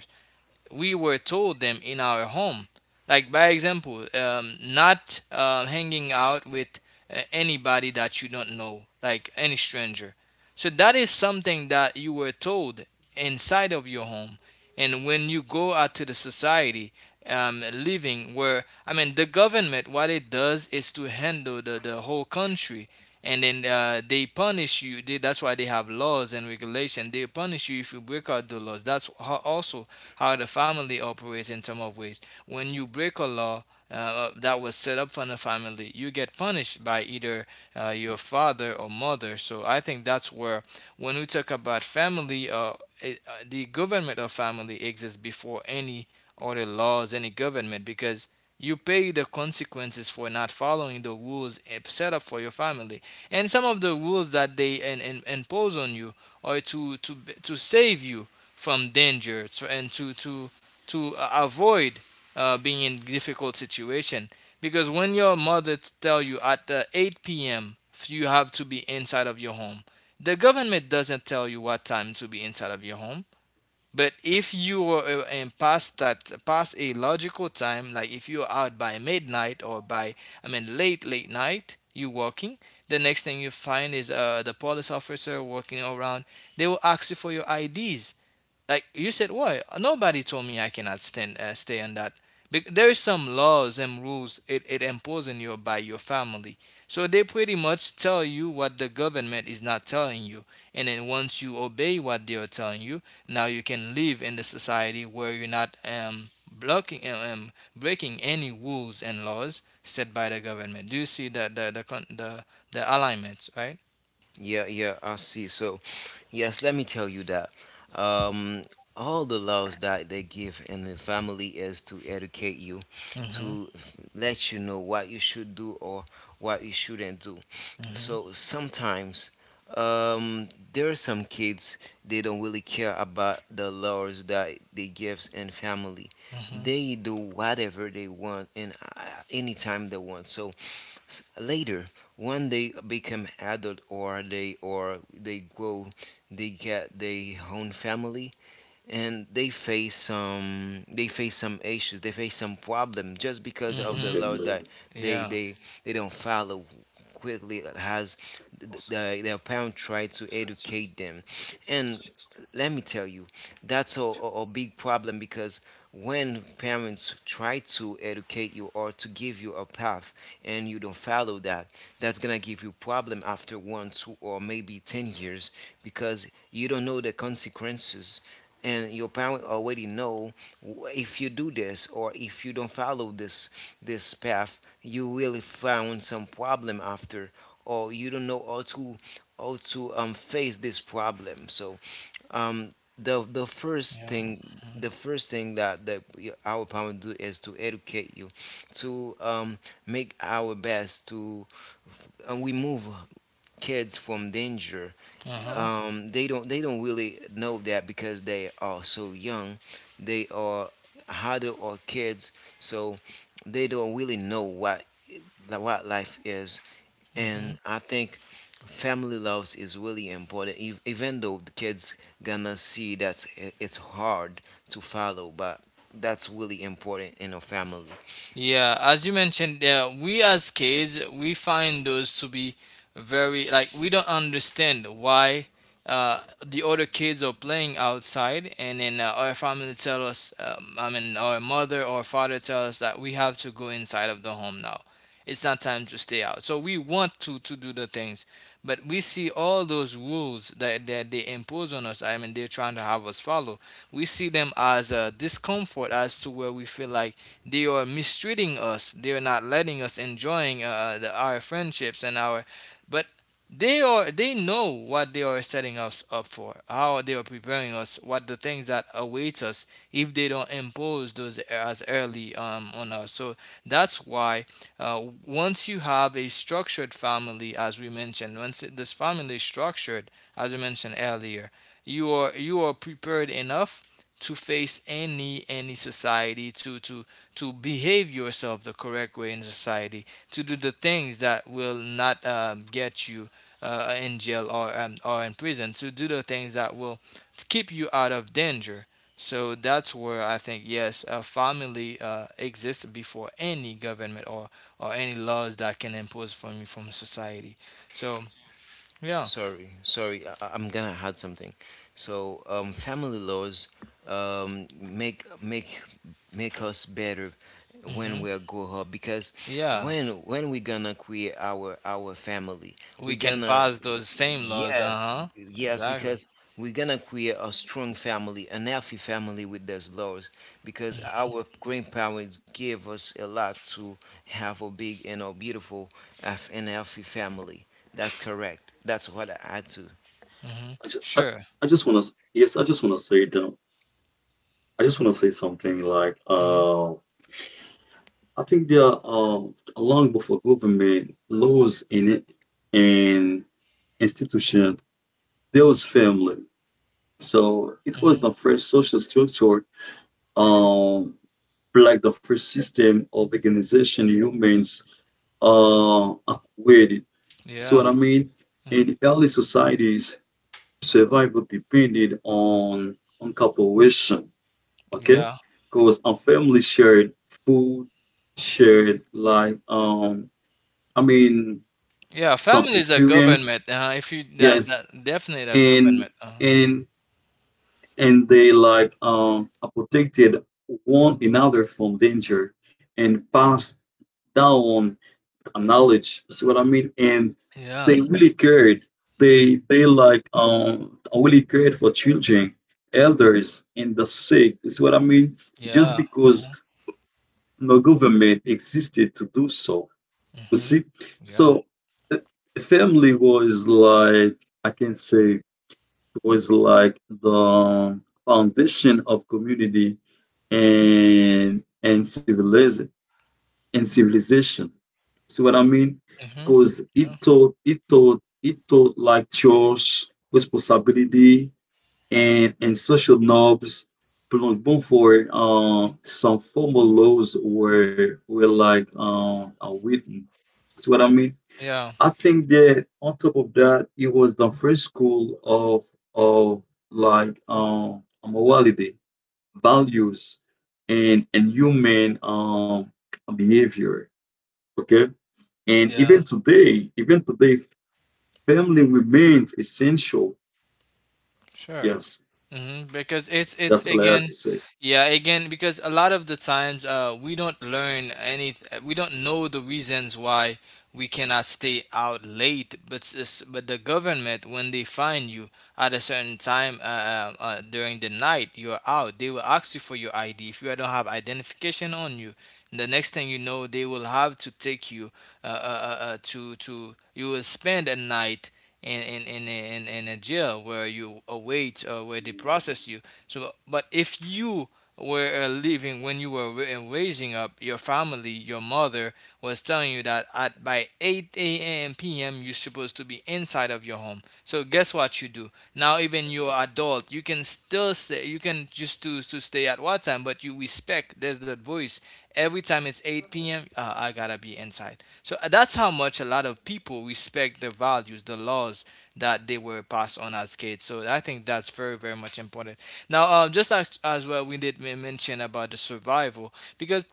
[SPEAKER 1] we were told them in our home. Like, by example, not hanging out with anybody that you don't know, like any stranger. So that is something that you were told inside of your home, and when you go out to the society, living where I mean the government, what it does is to handle the whole country, and then they punish you. They, that's why they have laws and regulation. They punish you if you break out the laws. That's how, also how the family operates in some of ways. When you break a law that was set up for the family, you get punished by either your father or mother. So I think that's where, when we talk about family, the government of family exists before any other laws, any government, because you pay the consequences for not following the rules, set up for your family. And some of the rules that they impose on you are to save you from danger, and to avoid being in difficult situation, because when your mother tell you at the 8 p.m. you have to be inside of your home. The government doesn't tell you what time to be inside of your home. But if you are and past that, past a logical time, like if you're out by midnight or by, I mean, late late night, you working. The next thing you find is the police officer working around. They will ask you for your IDs. Like, you said, why? Nobody told me I cannot stand stay on that. There is some laws and rules it imposed on you by your family. So they pretty much tell you what the government is not telling you. And then once you obey what they are telling you, now you can live in the society where you're not breaking any rules and laws set by the government. Do you see the alignments, right?
[SPEAKER 2] Yeah, yeah, I see. So, yes, let me tell you that um, all the laws that they give in the family is to educate you,
[SPEAKER 1] Mhm.
[SPEAKER 2] to let you know what you should do or what you shouldn't do.
[SPEAKER 1] Mhm.
[SPEAKER 2] So sometimes there are some kids, they don't really care about the laws that they give in family.
[SPEAKER 1] Mhm.
[SPEAKER 2] They do whatever they want, and anytime they want. So later, when they become adult, or they grow, they get their own family, and they face some issues, they face some problem, just because
[SPEAKER 3] it's
[SPEAKER 2] of the
[SPEAKER 1] Mhm.
[SPEAKER 2] law
[SPEAKER 3] family.
[SPEAKER 2] that they
[SPEAKER 1] Yeah.
[SPEAKER 2] they they don't follow quickly. It has the, their parent try to educate them, and let me tell you, that's a big problem, because when parents try to educate you or to give you a path and you don't follow that, that's gonna give you problem after 1, 2 or maybe 10 years, because you don't know the consequences, and your parent already know if you do this, or if you don't follow this path, you will find some problem after, or you don't know how to face this problem. So um
[SPEAKER 1] Yeah.
[SPEAKER 2] the
[SPEAKER 1] Mm-hmm.
[SPEAKER 2] first thing that our parents do is to educate you, to make our best to, and remove kids from danger.
[SPEAKER 1] Uh-huh.
[SPEAKER 2] They don't, really know that because they are so young. They are harder or kids. So they don't really know what life is.
[SPEAKER 1] Hmm.
[SPEAKER 2] And I think family loves is really important, even though the kids gonna see that it's hard to follow, but that's really important in a family.
[SPEAKER 1] Yeah, as you mentioned, yeah, we as kids we find those to be very, like, we don't understand why uh, the other kids are playing outside. And then our family tell us, I mean, our mother or father tell us that we have to go inside of the home now. It's not time to stay out. So we want to do the things, but we see all those rules that they impose on us. I mean, they're trying to have us follow. We see them as a discomfort, as to where we feel like they are mistreating us. They are not letting us enjoying our friendships and our. But they are. They know what they are setting us up for. How they are preparing us. What the things that awaits us if they don't impose those as early on us. So that's why once you have a structured family, as we mentioned, once this family is structured, as we mentioned earlier, you are prepared enough to face any society to behave yourself the correct way in society, to do the things that will not get you in jail or in prison, to do the things that will keep you out of danger. So that's where I think yes, a family exists before any government or any laws that can impose from you from society. So yeah.
[SPEAKER 2] Sorry, sorry, I'm gonna add something. So, family laws um, make make make us better
[SPEAKER 1] Hmm.
[SPEAKER 2] when we are grow up, because
[SPEAKER 1] Yeah,
[SPEAKER 2] when we gonna create our family, we
[SPEAKER 1] we can
[SPEAKER 2] gonna
[SPEAKER 1] pass those same laws. Uh
[SPEAKER 2] yes,
[SPEAKER 1] huh.
[SPEAKER 2] yes,
[SPEAKER 1] Exactly.
[SPEAKER 2] because we're gonna create a strong family, an healthy family with those laws, because
[SPEAKER 1] Mm-hmm.
[SPEAKER 2] our grandparents gave us a lot to have a big and a beautiful health- and healthy family. That's correct. That's what I add to.
[SPEAKER 1] Mm-hmm.
[SPEAKER 3] I just, I,
[SPEAKER 1] Sure.
[SPEAKER 3] I just want to, yes, I just want to say them. I just want to say something like,
[SPEAKER 1] Mm-hmm.
[SPEAKER 3] I think there are, long before government laws in it and institution, there was family. So it was
[SPEAKER 1] Hmm.
[SPEAKER 3] the first social structure, um, like the first system of organization humans uh, created. See what I
[SPEAKER 1] Yeah.
[SPEAKER 3] mean?
[SPEAKER 1] Mhm.
[SPEAKER 3] In early societies, survival depended on cooperation. Okay,
[SPEAKER 1] Yeah,
[SPEAKER 3] because our family shared food, shared like I mean
[SPEAKER 1] yeah.
[SPEAKER 3] some
[SPEAKER 1] Family is a
[SPEAKER 3] experience,
[SPEAKER 1] government. If you that, that
[SPEAKER 3] yes,
[SPEAKER 1] definitely a
[SPEAKER 3] and
[SPEAKER 1] government.
[SPEAKER 3] and they like are protected one another from danger and passed down a knowledge, see what I mean, and
[SPEAKER 1] Yeah,
[SPEAKER 3] they really cared, they like really cared for children, elders and the sick, see what I mean, just
[SPEAKER 1] yeah.
[SPEAKER 3] because
[SPEAKER 1] Uh-huh.
[SPEAKER 3] no government existed to do so. You
[SPEAKER 1] Hmm.
[SPEAKER 3] see,
[SPEAKER 1] Yeah.
[SPEAKER 3] so uh, family was like, I can say, was like the foundation of community and civilization. See what I mean?
[SPEAKER 1] Hmm.
[SPEAKER 3] Because
[SPEAKER 1] Yeah.
[SPEAKER 3] it taught like chores, responsibility, and, social knobs Plunk Bonfor, some formal laws were like are written. See what I mean?
[SPEAKER 1] Yeah.
[SPEAKER 3] I think that on top of that, it was the first school of of like morality, values, and human behavior. Okay, and
[SPEAKER 1] Yeah.
[SPEAKER 3] even today, family remains essential.
[SPEAKER 1] Sure.
[SPEAKER 3] Yes,
[SPEAKER 1] Hmm. Because it's
[SPEAKER 3] that's all I have
[SPEAKER 1] again,
[SPEAKER 3] to say.
[SPEAKER 1] yeah, again, because a lot of the times we don't learn any, we don't know the reasons why we cannot stay out late. But but the government, when they find you at a certain time during the night you're out, they will ask you for your ID. If you don't have identification on you, the next thing you know, they will have to take you, uh, uh, to you will spend a night in in in in a jail where you await or where they process you. So, but if you were living when you were raising up your family, your mother was telling you that at by 8 a.m. p.m. you're supposed to be inside of your home. So guess what you do now? Even you're adult, you can still stay. You can just choose to stay at what time, but you respect. There's that voice every time it's 8 p.m. I gotta be inside. So that's how much a lot of people respect the values, the laws that they were passed on as kids. So I think that's very, very much important. Now, just as well, we did mention about the survival, because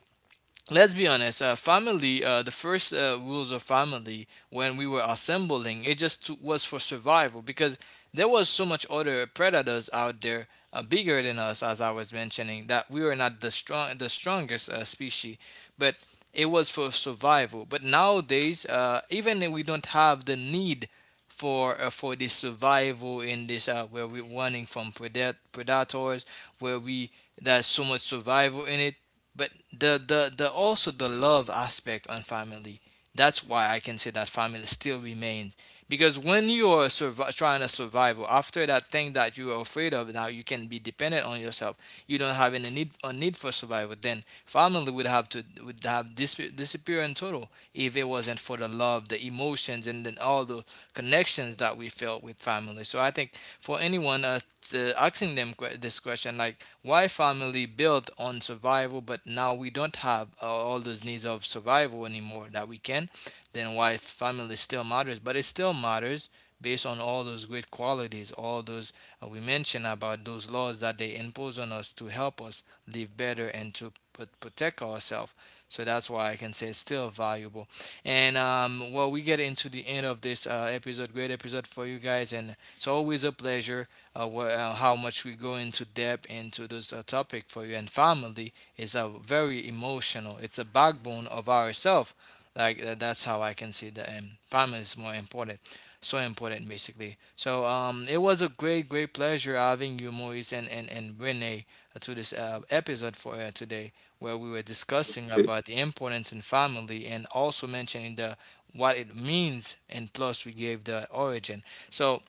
[SPEAKER 1] let's be honest, family the first rules of family when we were assembling it just to, was for survival, because there was so much other predators out there bigger than us, as I was mentioning that we were not the strongest species, but it was for survival. But nowadays even if we don't have the need for this survival in this where we're running from predators, where we, there's so much survival in it. But the also the love aspect on family. That's why I can say that family still remains, because when you are trying to survive after that thing that you are afraid of, now you can be dependent on yourself. You don't have any need, a need for survival. Then family would have disappear in total if it wasn't for the love, the emotions, and then all the connections that we felt with family. So I think, for anyone asking them this question, like, why family built on survival, but now we don't have all those needs of survival anymore that we can, then why family still matters. But it still matters based on all those great qualities, all those we mentioned about those laws that they impose on us to help us live better and to protect ourselves. So that's why I can say it's still valuable. And well, we get into the end of this episode. Great episode for you guys, and it's always a pleasure, how much we go into depth into this topic for you. And family is a very emotional. It's a backbone of ourself. Like, that's how I can see that family is more important, so important basically. So it was a great, great pleasure having you, Moise and Renee, to this episode for today, where we were discussing about the importance in family, and also mentioning the what it means, and plus we gave the origin. So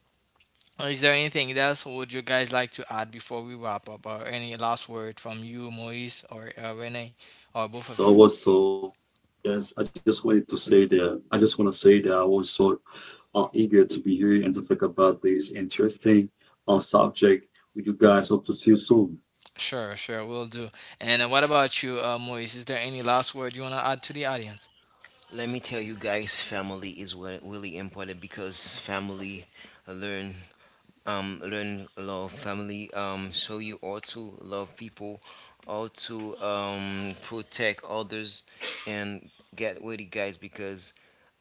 [SPEAKER 1] is there anything else would you guys like to add before we wrap up, or any last word from you, Moise, or Renee, or both of
[SPEAKER 3] So
[SPEAKER 1] you?
[SPEAKER 3] also, yes, I just want to say that I was so eager to be here and to talk about this interesting subject with you guys. Hope to see you soon.
[SPEAKER 1] Sure, sure, we'll do. And what about you, Moise? Is there any last word you want to add to the audience?
[SPEAKER 2] Let me tell you guys, family is what really important because family learn, learn love family. So you ought to love people, ought to protect others, and get with it, guys, because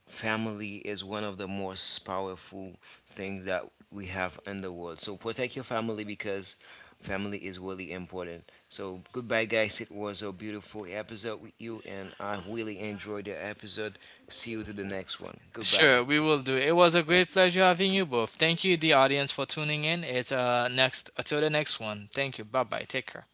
[SPEAKER 2] family is one of the most powerful things that we have in the world. So protect your family because family is really important. So goodbye, guys. It was a beautiful episode with you, and I really enjoyed the episode. See you to the next one. Goodbye.
[SPEAKER 1] Sure, we will do. It was a great pleasure having you both. Thank you, the audience, for tuning in. It's next until the next one. Thank you. Bye bye. Take care.